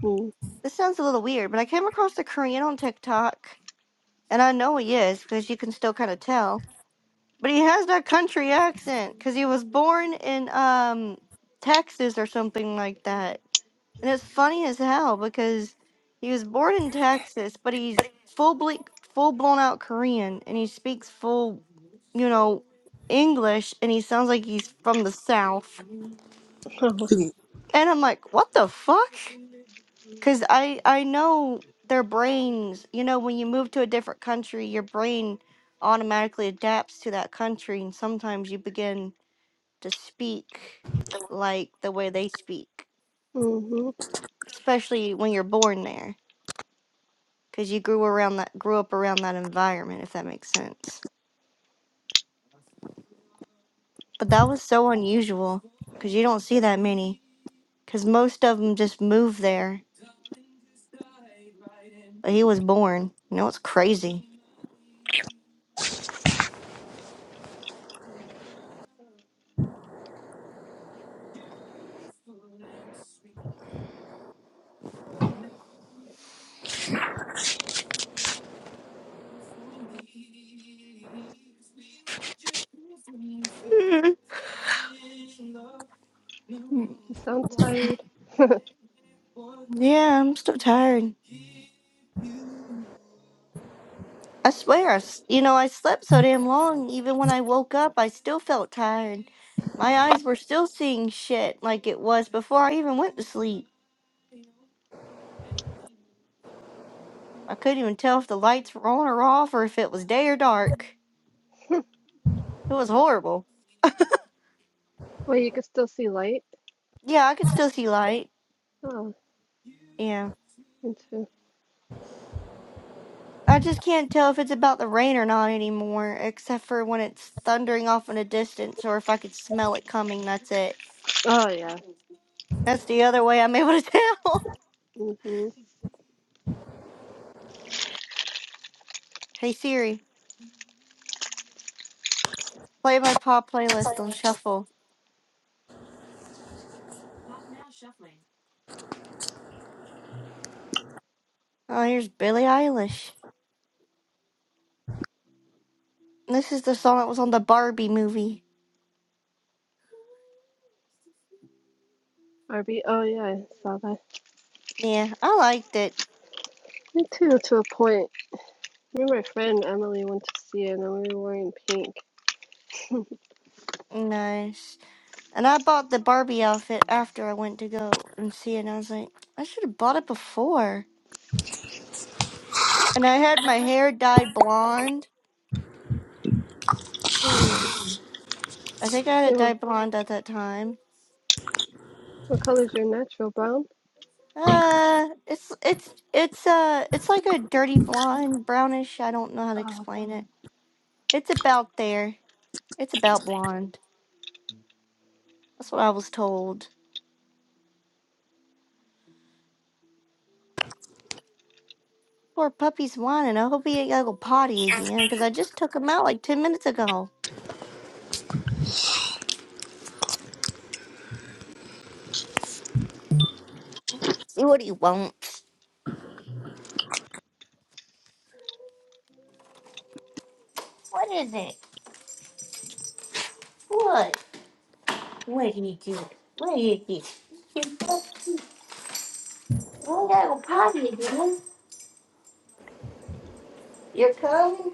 D: Hmm.
A: This sounds a little weird, but I came across a Korean on TikTok, and I know he is because you can still kind of tell. But he has that country accent because he was born in um Texas or something like that. And it's funny as hell because he was born in Texas, but he's full ble- full blown out Korean, and he speaks full, you know, English, and he sounds like he's from the South.
D: Oh,
C: you can
A: And I'm like, what the fuck? Cause I I know their brains. You know, when you move to a different country, your brain automatically adapts to that country, and sometimes you begin to speak like the way they speak,
D: Mm-hmm.
A: especially when you're born there, cause you grew around that grew up around that environment, if that makes sense. But that was so unusual, cause you don't see that many, cause most of them just move there. But he was born. You know, it's crazy.
D: You sound tired.
A: Yeah, I'm so tired. I swear, I s you know, I slept so damn long. Even when I woke up, I still felt tired. My eyes were still seeing shit like it was before I even went to sleep. I couldn't even tell if the lights were on or off or if it was day or dark. It was horrible.
D: Well, you can still see light.
A: Yeah, I could still see light.
D: Oh,
A: Yeah.
D: me too.
A: I just can't tell if it's about the rain or not anymore, except for when it's thundering off in the distance or if I could smell it coming. That's it.
D: Oh, yeah.
A: That's the other way I'm able to tell.
D: Mm-hmm.
A: hey, Siri. Play my pop playlist on shuffle. Oh, here's Billie Eilish. This is the song that was on the Barbie movie.
D: RB. Oh, yeah, I saw that.
A: Yeah, I liked it.
D: Me too, to a point. Me and my friend Emily went to see it, and we were wearing pink.
A: Nice. And I bought the Barbie outfit after I went to go and see it. And I was like, I should have bought it before. And I had my hair dyed blonde.
D: Mm.
A: I think I had
D: They
A: it
D: were,
A: dyed blonde at that time.
D: what color is your natural brown?
A: Uh, it's it's it's uh it's like a dirty blonde, brownish. I don't know how to
D: Uh,
A: explain it. It's about there. It's about blonde. That's what I was told. Poor puppy's whining. I hope he ain't gotta go potty again, because I just took him out like 10 minutes ago. See what he wants. What is it? What? What did you do? What did you do? You go- you ain't gotta go potty again. You're coming?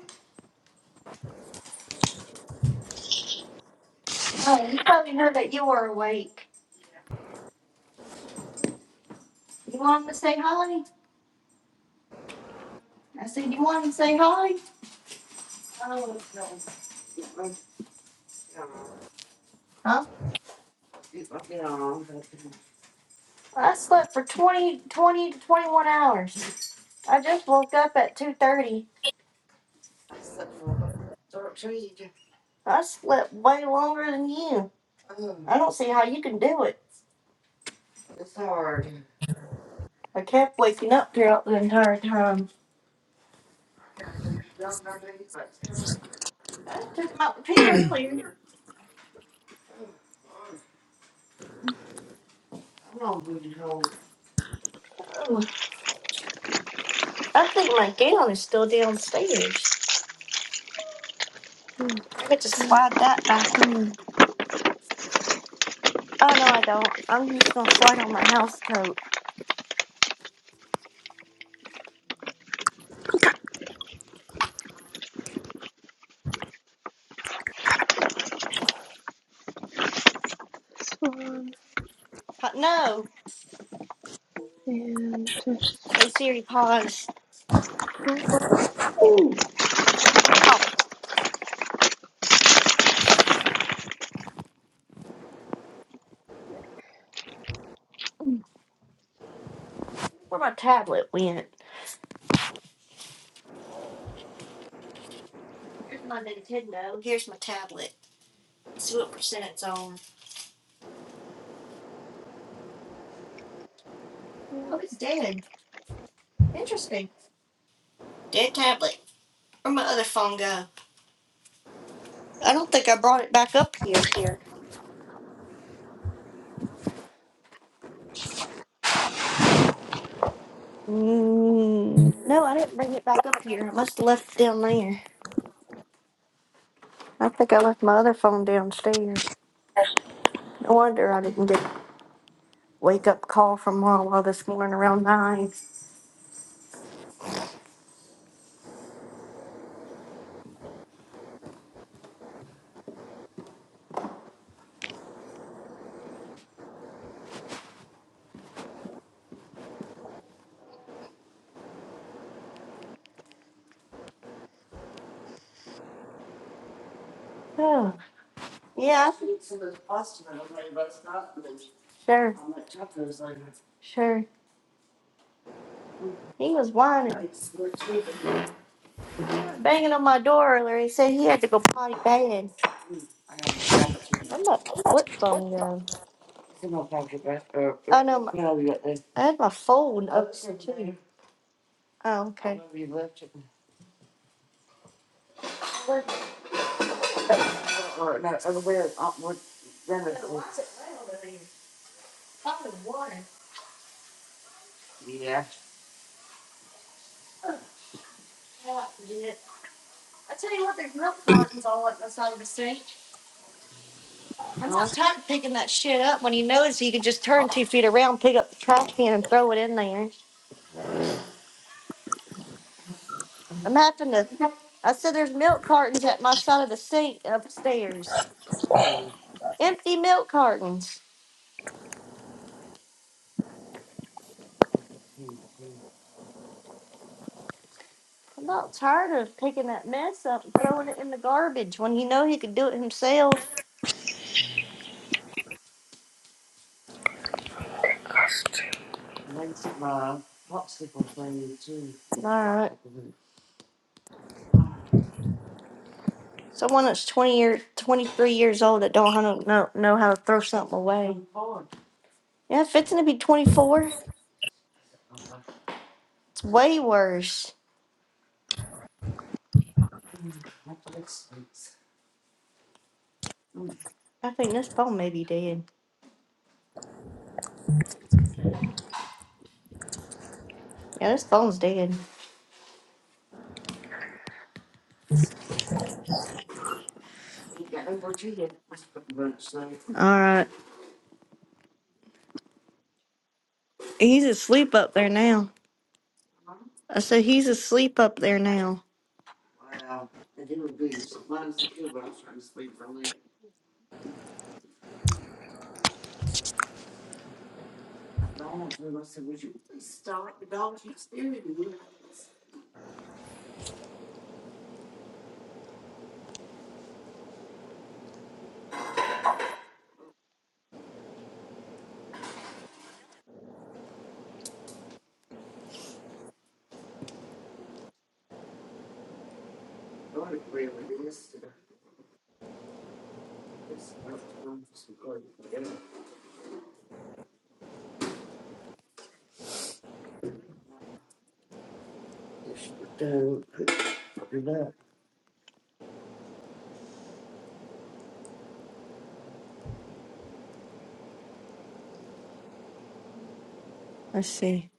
A: Oh, you probably heard that you were awake. You want him to say hi? I said, you want him to say hi? Oh, no. Huh? I slept for 20, 20 to 21 hours. I just woke up at 2.30. I slept way longer than you. I don't see how you can do it. I kept waking up throughout the entire time. I took him out to pee earlier. Oh, I think my gown is still downstairs. I get to
D: mm,
A: slide that back on. Oh, no, I don't. I'm just going to slide on my house coat.
D: this one.
A: Uh, No.
D: And just.
A: Hey, Siri, pause. Here's my Nintendo. Here's my tablet. Let's see what percent it's on.
D: Oh,
A: Oh, it's dead. Interesting. Dead tablet. Where'd my other phone go? I don't think I brought it back up here.
C: here.
A: Mm, no, I didn't bring it back up here. I must have left it down there. I think I left my other phone downstairs. No wonder I didn't get a wake up call from Wawa this morning around nine. Oh, yeah. I think- Sure, sure. He was whining, banging on my door earlier. He said he had to go potty bad. I'm a flip phone guy. Oh no, my, I had my phone Oh, up too. Oh, okay. it. I'm not tired of picking that shit up. When you notice, you can just turn two feet around, pick up the trash can, and throw it in there. I'm having to. I said there's milk cartons at my side of the sink upstairs. Empty milk cartons. I'm not tired of picking that mess up and throwing it in the garbage when you know he could do it himself. All right. Someone that's twenty year, twenty three years old that don't how know know how to throw something away. Yeah, fixing to be twenty four. It's way worse. I think this phone may be dead. Yeah, this phone's dead. All right, he's asleep up there now. I said he's asleep up there now. Let's see.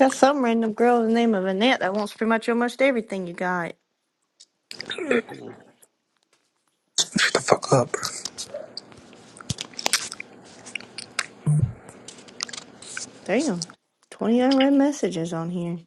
A: Got some random girl the name of Annette that wants pretty much almost everything you got.
C: Shut the fuck up. bro.
A: Damn, twenty unread messages on here.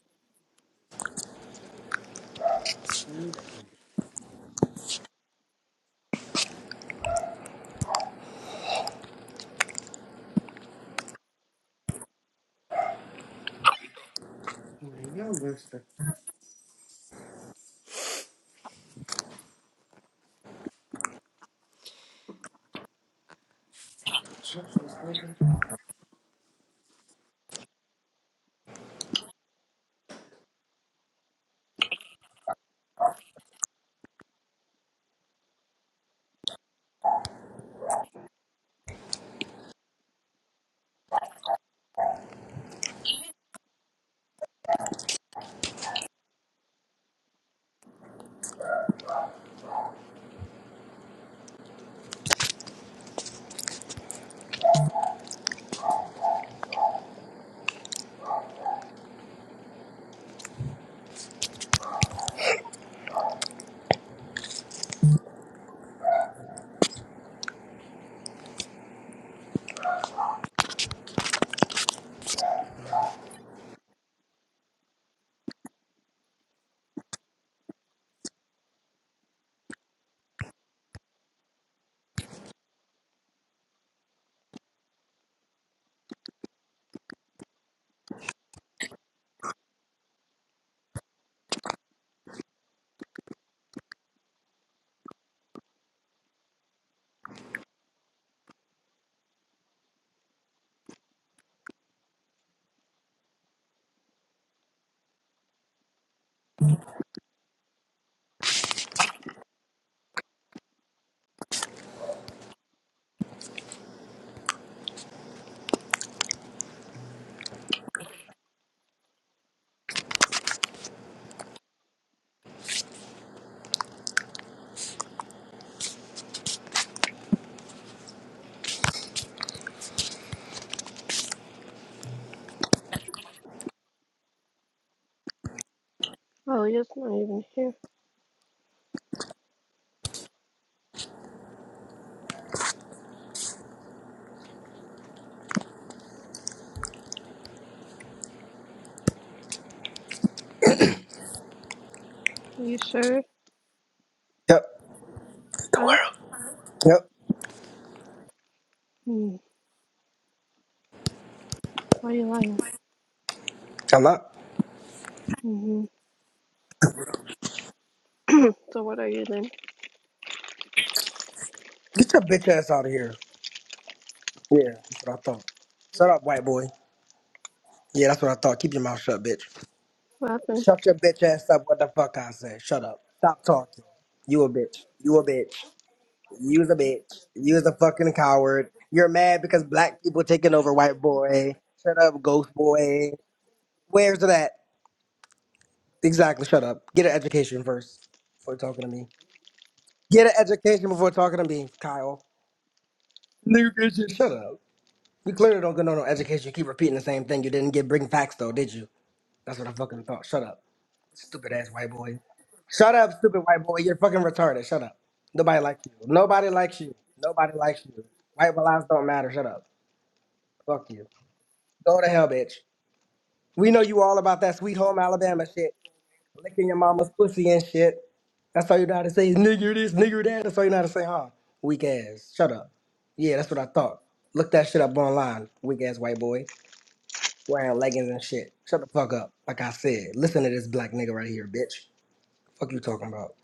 D: oh, he's not even here. Are you sure?
C: Yep.
D: Huh?
C: Yep.
D: Mm. Why are you lying?
C: I'm up.
D: Mm-hmm. So, what are you then?
C: Get your bitch ass out of here. Yeah, that's what I thought. Shut up, white boy. Yeah, that's what I thought. Keep your mouth shut, bitch.
D: What happened?
C: Shut your bitch ass up. What the fuck I said? Shut up. Stop talking. You a bitch. You a bitch. You was a bitch. You was a fucking coward. You're mad because black people taking over white boy. Shut up, ghost boy. Where's that? Exactly. Shut up. Get an education first before talking to me. Get an education before talking to me, Kyle. Nigga, get your- shut up. You clearly don't get no, no education. You keep repeating the same thing. You didn't get bring facts though, did you? That's what I fucking thought. Shut up, stupid ass white boy. Shut up, stupid white boy. You're fucking retarded. Shut up. Nobody likes you. Nobody likes you. Nobody likes you. White lives don't matter. Shut up. Fuck you. Go to hell, bitch. We know you all about that sweet home Alabama shit. Licking your mama's pussy and shit. That's all you know how to say is nigger this, nigger that. That's all you know how to say, huh? Weak ass. Shut up. Yeah, that's what I thought. Look that shit up online, weak ass white boy. Wearing leggings and shit. Shut the fuck up. Like I said, listen to this black nigga right here, bitch. Fuck you talking about.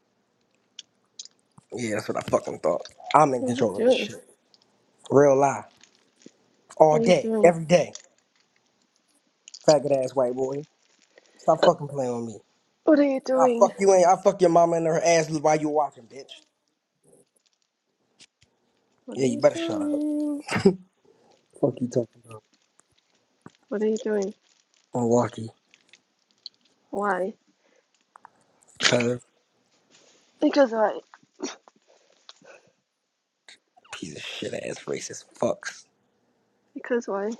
C: Yeah, that's what I fucking thought. I'm in
D: What are you
C: control of this
D: doing?
C: shit. Real lie. All
D: What are you
C: day,
D: doing?
C: every day. Faggot ass white boy. Stop fucking playing with me.
D: What are you
C: I'll
D: doing?
C: fuck you in. I'll fuck your mama in her ass while you watching, bitch.
D: What are
C: Yeah, you
D: you
C: better shut up.
D: doing?
C: Fuck you talking about.
D: What are you doing?
C: Milwaukee,
D: Why?
C: cuz
D: Because why?
C: piece of shit ass racist fucks.
D: Because why?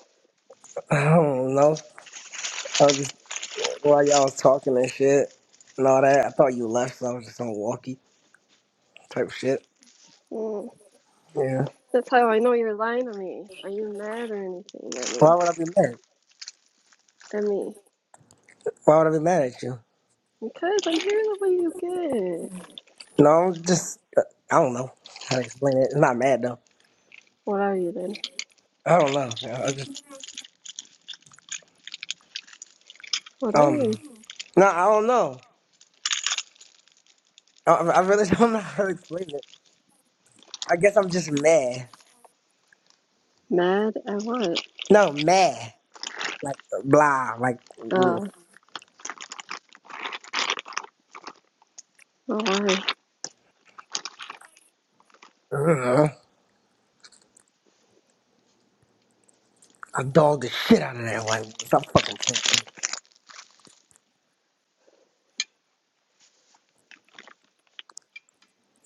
C: I don't know. I was just while y'all was talking and shit and all that. I thought you left, so I was just on walkie type shit.
D: Mm.
C: Yeah.
D: That's how I know you're lying to me. Are you mad or anything at me?
C: Why would I be mad?
D: At me?
C: Why would I be mad at you?
D: Because I hear the way you get.
C: No, I'm just uh, I don't know how to explain it. It's not mad though.
D: What are you then?
C: I don't know. I I just
D: What are you?
C: um no, I don't know. I, I really don't know how to explain it. I guess I'm just mad.
D: Mad at what?
C: No, mad. Like blah. Like.
D: Uh,
C: mm.
D: oh, why?
C: mm, I dogged the shit out of that white woman. Stop fucking playing. with me.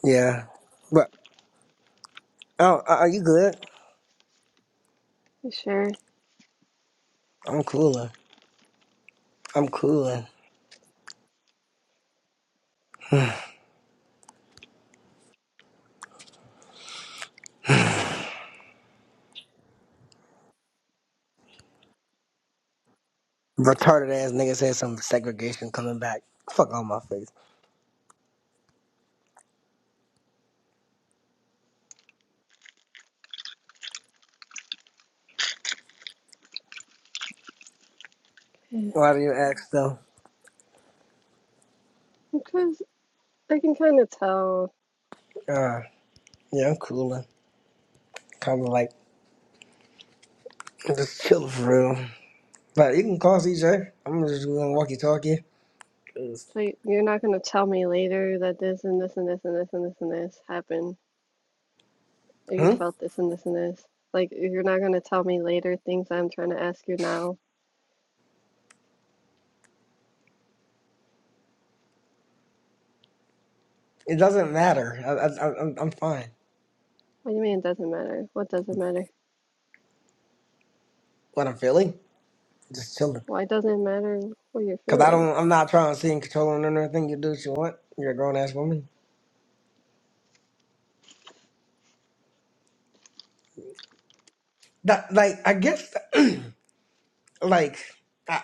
C: Yeah. But, oh, uh, are you good?
D: You sure?
C: I'm cooler. I'm cooler. Retarded ass nigga said some segregation coming back. Fuck on my face.
D: Yeah.
C: Why do you ask though?
D: Because I can kind of tell.
C: Uh, yeah, I'm cooler. Kind of like, I'm just chill for real. But you can call CJ. I'm just gonna walkie talkie.
D: So you're not gonna tell me later that this and this and this and this and this and this happened. Oh, you
C: Hmm?
D: felt this and this and this. Like, you're not going to tell me later things I'm trying to ask you now.
C: It doesn't matter. I, I, I, I'm, I'm fine.
D: What do you mean it doesn't matter? What doesn't matter?
C: What I'm feeling? Just chilling.
D: Why doesn't it matter what you're
C: Cause I
D: feeling?
C: don't, I'm not trying to see and controlling or anything. You do what you want. You're a grown ass woman. That like I guess like I,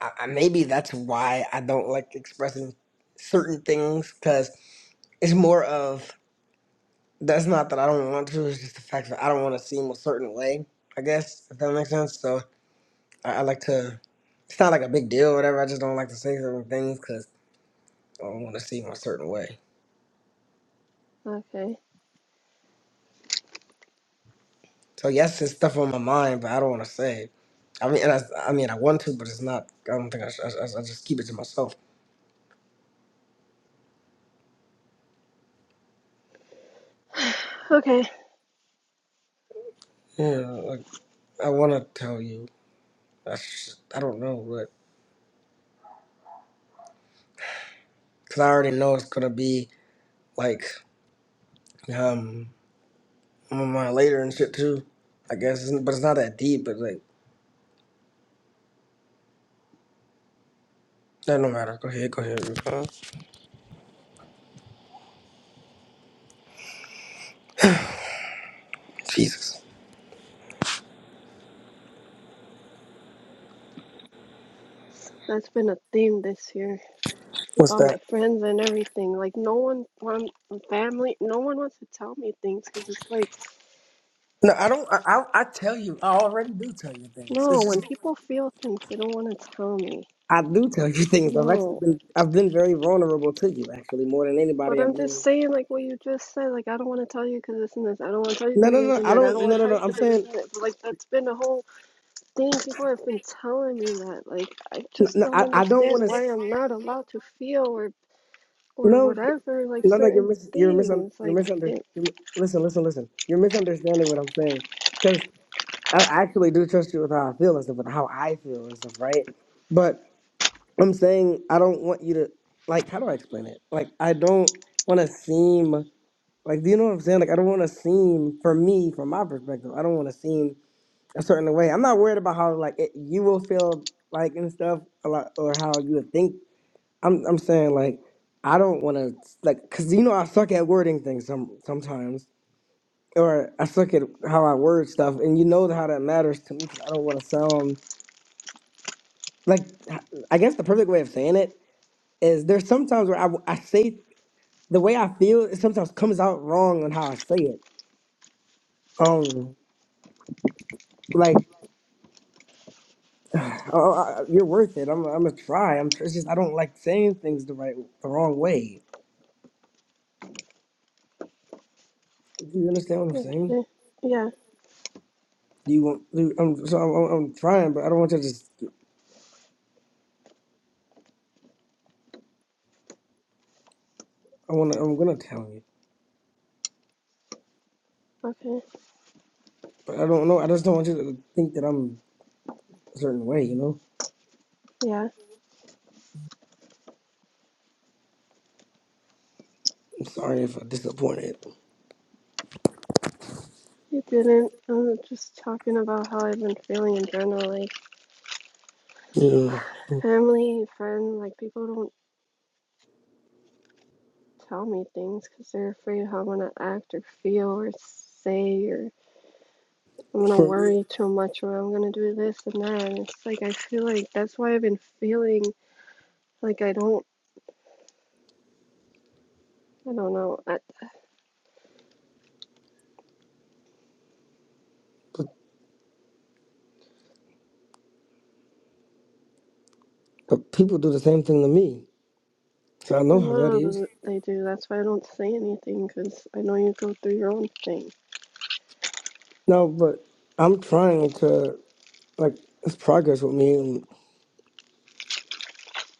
C: I, I- maybe that's why I don't like expressing certain things because it's more of that's not that I don't want to. It's just the fact that I don't want to seem a certain way. I guess if that makes sense. So I, I like to. It's not like a big deal or whatever. I just don't like to say certain things because I don't want to seem a certain way.
D: Okay.
C: So yes, it's stuff on my mind, but I don't want to say it. I mean, and I, I mean, I want to, but it's not. I don't think I. Should, I, I I just keep it to myself.
D: Okay.
C: Yeah, I want to tell you. I, sh- I don't know, but because I already know it's gonna be like um I'm on my later and shit too. I guess, it's, but it's not that deep. But like, that no matter. Go ahead, go ahead. Uh, Jesus,
D: That's been a theme this year with
C: what's
D: all my
C: that?
D: friends and everything. Like, no one, one family, no one wants to tell me things because it's like,
C: No, I don't. I, I I tell you. I already do tell you things.
D: no,
C: It's
D: when
C: just
D: people feel things, they don't want to tell me.
C: I do tell you things. I've actually
D: No,
C: been I've been very vulnerable to you actually more than
D: But
C: anybody
D: I'm
C: I've
D: just
C: been.
D: saying, like what you just said, like I don't want to tell you because this and this. I don't want to tell you
C: No,
D: because I'm
C: no,
D: gonna
C: no.
D: get
C: I
D: mad. I don't
C: don't. No,
D: want to
C: no,
D: tell
C: no.
D: you
C: I'm
D: because of this
C: saying
D: and that. But like that's been a whole thing. People have been telling me that. Like I
C: no,
D: just
C: no,
D: don't
C: I I don't
D: understand
C: want to.
D: why I'm not allowed to feel or or
C: No, you're-
D: whatever like
C: no, no. You're
D: certain
C: mis- you're misun
D: things.
C: you're
D: Like
C: misunder
D: it.
C: you're, mi- listen, listen, listen. You're misunderstanding what I'm saying because I actually do trust you with how I feel and stuff, with how I feel and stuff, right? But I'm saying I don't want you to like. How do I explain it? Like I don't want to seem like. Do you know what I'm saying? Like I don't want to seem, for me, from my perspective, I don't want to seem a certain way. I'm not worried about how like it, you will feel like and stuff a lot, or how you would think I'm I'm saying like I don't want to like cuz you know I suck at wording things some sometimes or I suck at how I word stuff and you know how that matters to me cuz I don't want to sound like I guess the perfect way of saying it is there's sometimes where I, I say the way I feel it sometimes comes out wrong on how I say it um like oh, I- you're worth it I'm I'm gonna try I'm it's just I don't like saying things the right the wrong way do you understand what I'm saying
D: Okay. Yeah.
C: do you want do, I'm so I'm, I'm I'm trying but I don't want you to just I want to. I'm gonna tell you,
D: Okay.
C: but I don't know. I just don't want you to think that I'm a certain way. You know.
D: Yeah.
C: I'm sorry if I disappointed.
D: You didn't. I'm just talking about how I've been feeling in general. Like
C: You know,
D: family, friend, like people don't tell me things because they're afraid of how I'm gonna act or feel or say or I'm gonna
C: for me,
D: worry too much or I'm gonna do this and that. And it's like I feel like that's why I've been feeling like I don't I don't know. I,
C: but, but people do the same thing to me, so I
D: I
C: know how that
D: know
C: is.
D: that they do. That's why I don't say anything because I know you go through your own thing.
C: No, but I'm trying to like it's progress with me, and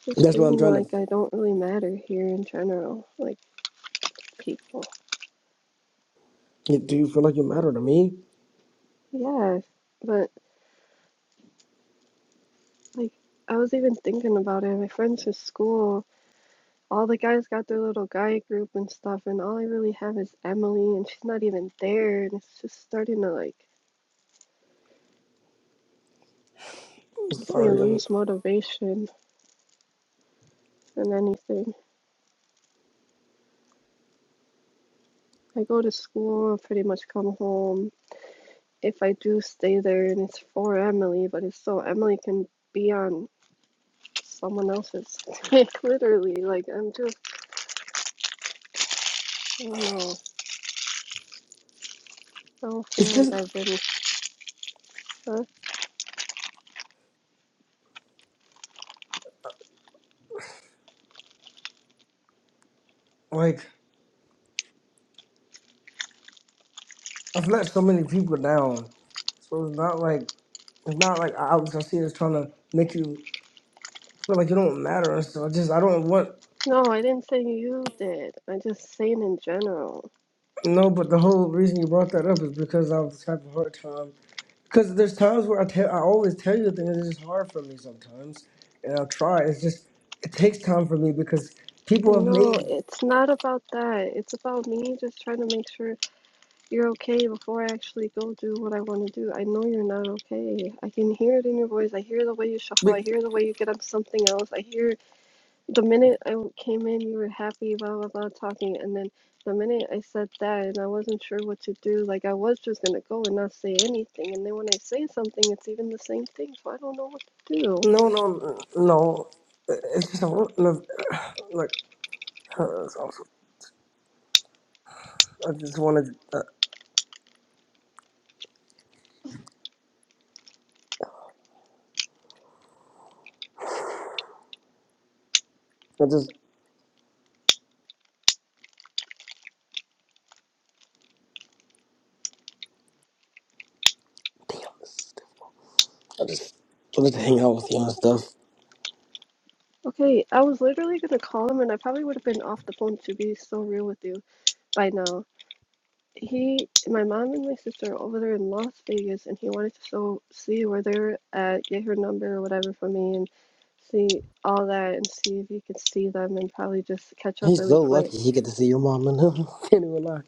D: Just
C: that's what I'm
D: feeling
C: trying to.
D: like I don't really matter here in general, like people.
C: You, do you feel like you matter to me?
D: Yeah, but like I was even thinking about it. My friends from school, all the guys got their little guy group and stuff, and all I really have is Emily, and she's not even there. And it's just starting to like
C: I'm
D: makes me
C: sorry. I'm,
D: lose motivation in anything. I go to school and pretty much come home. If I do stay there and it's for Emily, but it's so Emily can be on someone else's. like literally, like I'm just I don't know. I don't
C: it's
D: feel like
C: just
D: I've been uh,
C: like I've let so many people down, so it's not like it's not like I, I see it as trying to make you feel like you don't matter and stuff. I just I don't want.
D: no, I didn't say you did. I'm just saying in general.
C: No, but the whole reason you brought that up is because I have having a hard time. Because there's times where I tell, I always tell you things. It's just hard for me sometimes, and I'll try. It's just it takes time for me because
D: I
C: people have
D: know
C: made.
D: it's not about that. It's about me just trying to make sure You're okay before I actually go do what I want to do. I know you're not okay. I can hear it in your voice. I hear the way you shuffle. I
C: Like,
D: hear the way you get up to something else. I hear the minute I came in, you were happy, blah, blah, blah, talking. And then the minute I said that and I wasn't sure what to do, like I was just going to go and not say anything. And then when I say something, it's even the same thing. So I don't know what to do.
C: no, no, no. It's just I want no, like uh, it's awesome. I just wanted. Uh, I just damn. this- I just I just hang out with you and stuff.
D: Okay, I was literally going to call him and I probably would have been off the phone to be so real with you by now. he, my mom and my sister are over there in Las Vegas, and he wanted to so see where they're at, get her number or whatever for me, and see all that, and see if he could see them, and probably just catch up
C: He's
D: really
C: so
D: quick.
C: lucky he get to see your mom and him. Can't even lie.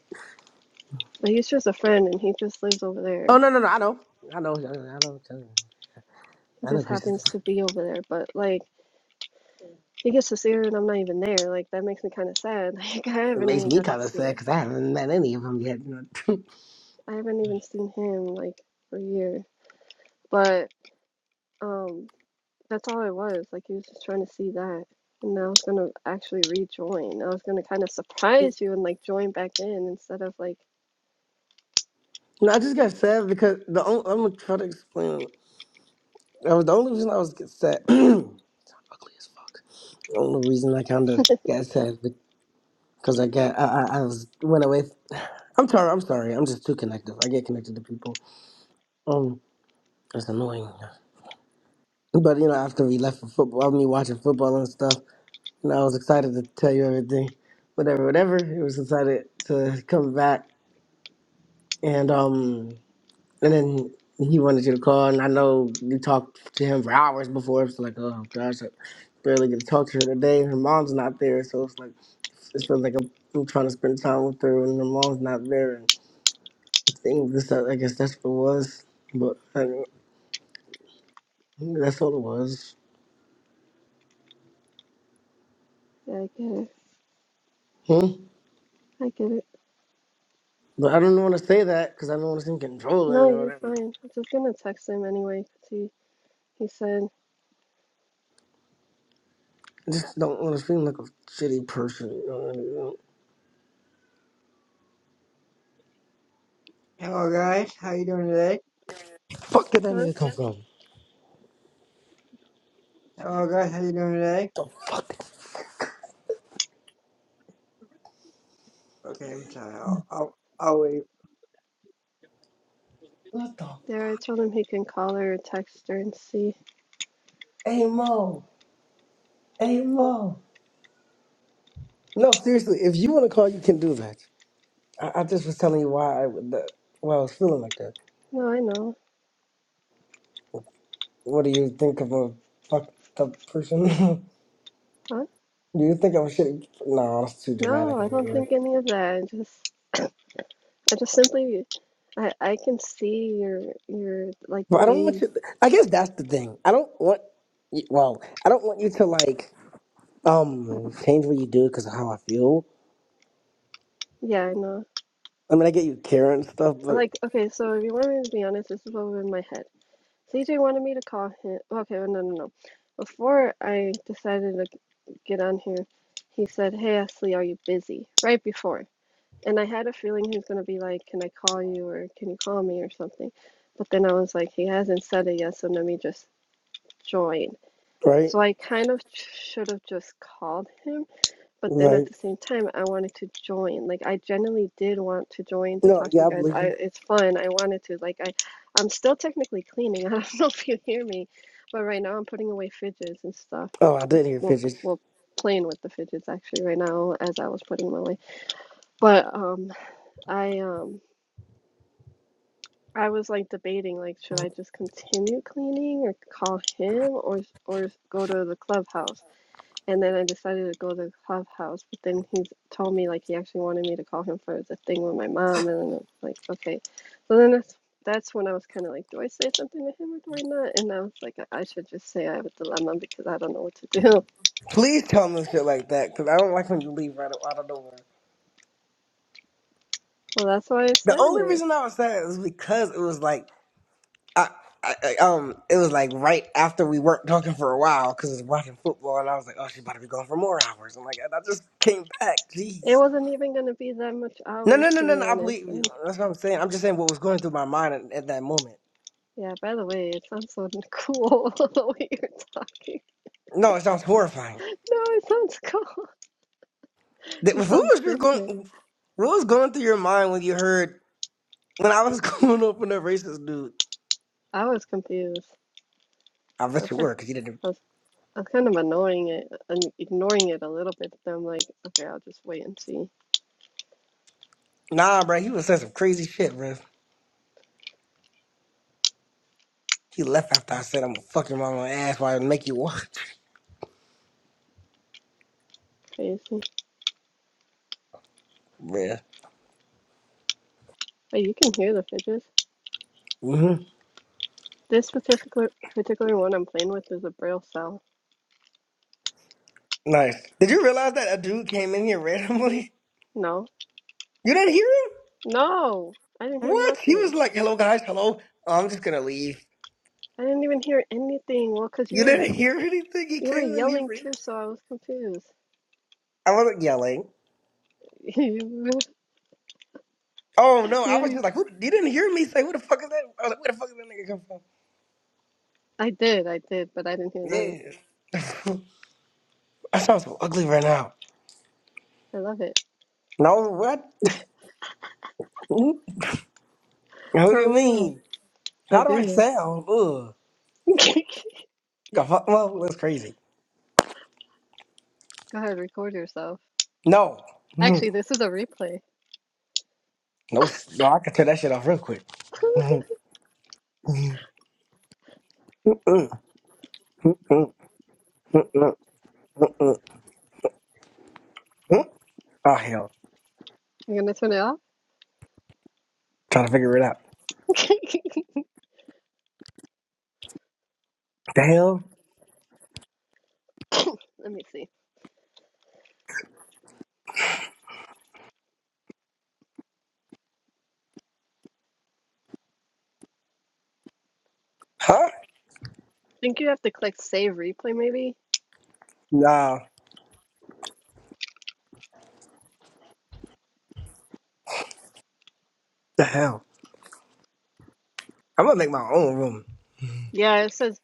D: But he's just a friend, and he just lives over there.
C: Oh no no no! I know I know I know I know
D: He
C: I know
D: just
C: Chris.
D: happens to be over there, but like he gets to see her, and I'm not even there. Like that makes me kind of sad. Like I
C: It
D: haven't
C: makes
D: even
C: me
D: got to
C: kind of
D: see
C: sad
D: him.
C: because I haven't met any of them yet. You know?
D: I haven't even seen him like for a year. But um. That's all it was. Like he was just trying to see that. And I was gonna actually rejoin. I was gonna kind of surprise you and like join back in instead of like,
C: no, I just got sad because the only, I'm gonna try to explain. That was the only reason I was get sad. Ugly as fuck. The only reason I kind of got sad because I got I, I, I was went away. I'm sorry. I'm sorry. I'm just too connective. I get connected to people. Um, it's annoying. But you know, after we left for football, I mean, watching football and stuff, and I was excited to tell you everything. Whatever, whatever. It was excited to come back and um and then he wanted you to call and I know you talked to him for hours before. It's like, oh gosh, I barely get to talk to her today. Her mom's not there, so it's like it feels like I'm, I'm trying to spend time with her and her mom's not there. And things this, I guess that's what it was, but I, don't- that's all it was.
D: yeah, I get it.
C: Hmm?
D: I get it.
C: But I don't want to say that because I don't want to seem controlling
D: No,
C: or
D: you're
C: whatever.
D: fine. I was just gonna text him anyway. See, he said,
C: I just don't want to seem like a shitty person. You know what I mean?
E: Hello guys, how you doing today?
C: Fuck did that
D: huh?
C: nigga come from?
E: Hello guys, how you doing today?
C: The fuck?
E: Okay, I'm sorry. I'll I'll, I'll leave.
C: What the?
D: There, I told him he can call her or text her and see.
C: Hey Mo. Hey, mom. No, seriously, if you want to call, you can do that. I, I just was telling you why I, would- the, why I was feeling like that.
D: No, I know.
C: What do you think of a fucked up person? do
D: Huh?
C: you think I'm a shitty? No, that's too dramatic
D: No, I
C: and
D: don't
C: weird.
D: think any of that. I just I just simply I I can see your your like the
C: But I don't want
D: way.
C: you. I guess that's the thing. I don't want. y- Well, I don't want you to like um change what you do because of how I feel.
D: Yeah, I know.
C: I mean, I get you caring and stuff, but
D: Like, okay, so if you want me to be honest, this is what was in my head. CJ wanted me to call him. Okay, well, no, no, no. Before I decided to get on here, he said, Hey, Ashley, are you busy? Right before. And I had a feeling he was going to be like, Can I call you or can you call me or something? But then I was like, He hasn't said it yet, so let me just join.
C: right,
D: So I kind of should have just called him but then at
C: right.
D: the same time I wanted to join. Like I genuinely did want to join to
C: No,
D: talk to
C: yeah,
D: you
C: I
D: guys.
C: believe
D: I
C: you.
D: it's fun. I wanted to. Like I I'm still technically cleaning. I don't know if you hear me, but right now I'm putting away fidgets and stuff.
C: Oh, I did hear
D: Well
C: pictures.
D: well playing with the fidgets actually right now as I was putting them away. But um I um I was like debating like should I just continue cleaning or call him or or go to the clubhouse And then I decided to go to Clubhouse, but then he told me like he actually wanted me to call him for the thing with my mom, and then I was like, okay. So then that's that's when I was kind of like, do I say something to him or do I not? And I was like, I I should just say I have a dilemma because I don't know what to do.
C: Please tell me shit like that because I don't like when you leave right out of nowhere.
D: Well, that's why I
C: The
D: said
C: only
D: it.
C: reason I was sad is because it was like I, I I- um it was like right after we weren't talking for a while because was watching football and I was like, oh, she's about to be gone for more hours. I'm like, I just came back.
D: It
C: Jeez.
D: wasn't even gonna be that much
C: No,
D: hours
C: no, no,
D: to
C: no,
D: be
C: no. I
D: honest.
C: believe
D: And
C: you. That's what I'm saying. I'm just saying what was going through my mind at, at that moment.
D: yeah, by the way, it sounds so cool the way you're talking.
C: No, it sounds horrifying.
D: No, it sounds cool.
C: That-
D: You
C: What
D: sound
C: was your
D: different.
C: going? What was going through your mind when you heard when I was going up on that racist dude?
D: I was confused.
C: I bet you
D: Okay.
C: were because you didn't.
D: I I'm kind of annoying it, i ignoring it a little bit. Then I'm like, okay, I'll just wait and see.
C: Nah, bro, he was saying some crazy shit, bro. He left after I said I'm gonna fuck your mama ass while I make you watch.
D: Crazy.
C: Bruh.
D: But you can hear the fidgets.
C: Mm-hmm.
D: This particular particular one I'm playing with is a braille cell.
C: Nice. Did you realize that a dude came in here randomly?
D: No,
C: You didn't hear him?
D: no, I didn't hear
C: What? He
D: nothing.
C: was like, hello guys, hello. Oh, I'm just gonna leave.
D: I didn't even hear anything. Well, cause you
C: You
D: were
C: didn't hear anything? He
D: you were
C: came in here
D: yelling
C: random.
D: too, so I was confused.
C: I wasn't yelling.
D: you,
C: Oh no, I was
D: you,
C: just like, who, you didn't hear me say, who the fuck is that? I was like, where the fuck is that nigga
D: I did, I did, but I didn't hear them.
C: come from? Yeah. I sound so ugly right now.
D: I love it
C: No, what? who do
D: for
C: you
D: real.
C: mean?
D: I
C: How do I
D: do.
C: sound? Ugh.
D: Go
C: You Got fuck. Well, that's crazy.
D: ahead, record yourself.
C: No.
D: Actually, this is a replay.
C: No, s- no, I can tear that shit off real quick. Mm, mm, mm. oh hell,
D: You gonna turn it off?
C: trying to figure it out. The hell?
D: Let me see. I
C: Huh?
D: think you have to click save replay, maybe?
C: Nah. The hell? I'm gonna make my own room.
D: Yeah, it says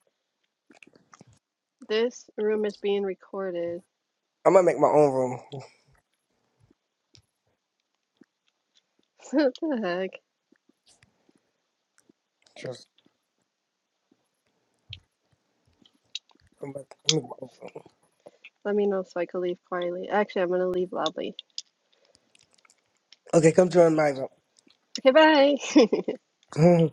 D: this room is being recorded.
C: I'm gonna make my own room.
D: what the heck?
C: Just, I'm gonna I'm gonna make my own room.
D: Let me know so I can leave quietly. Actually, I'm gonna leave loudly.
C: Okay, come join my
D: Okay, bye.
C: room.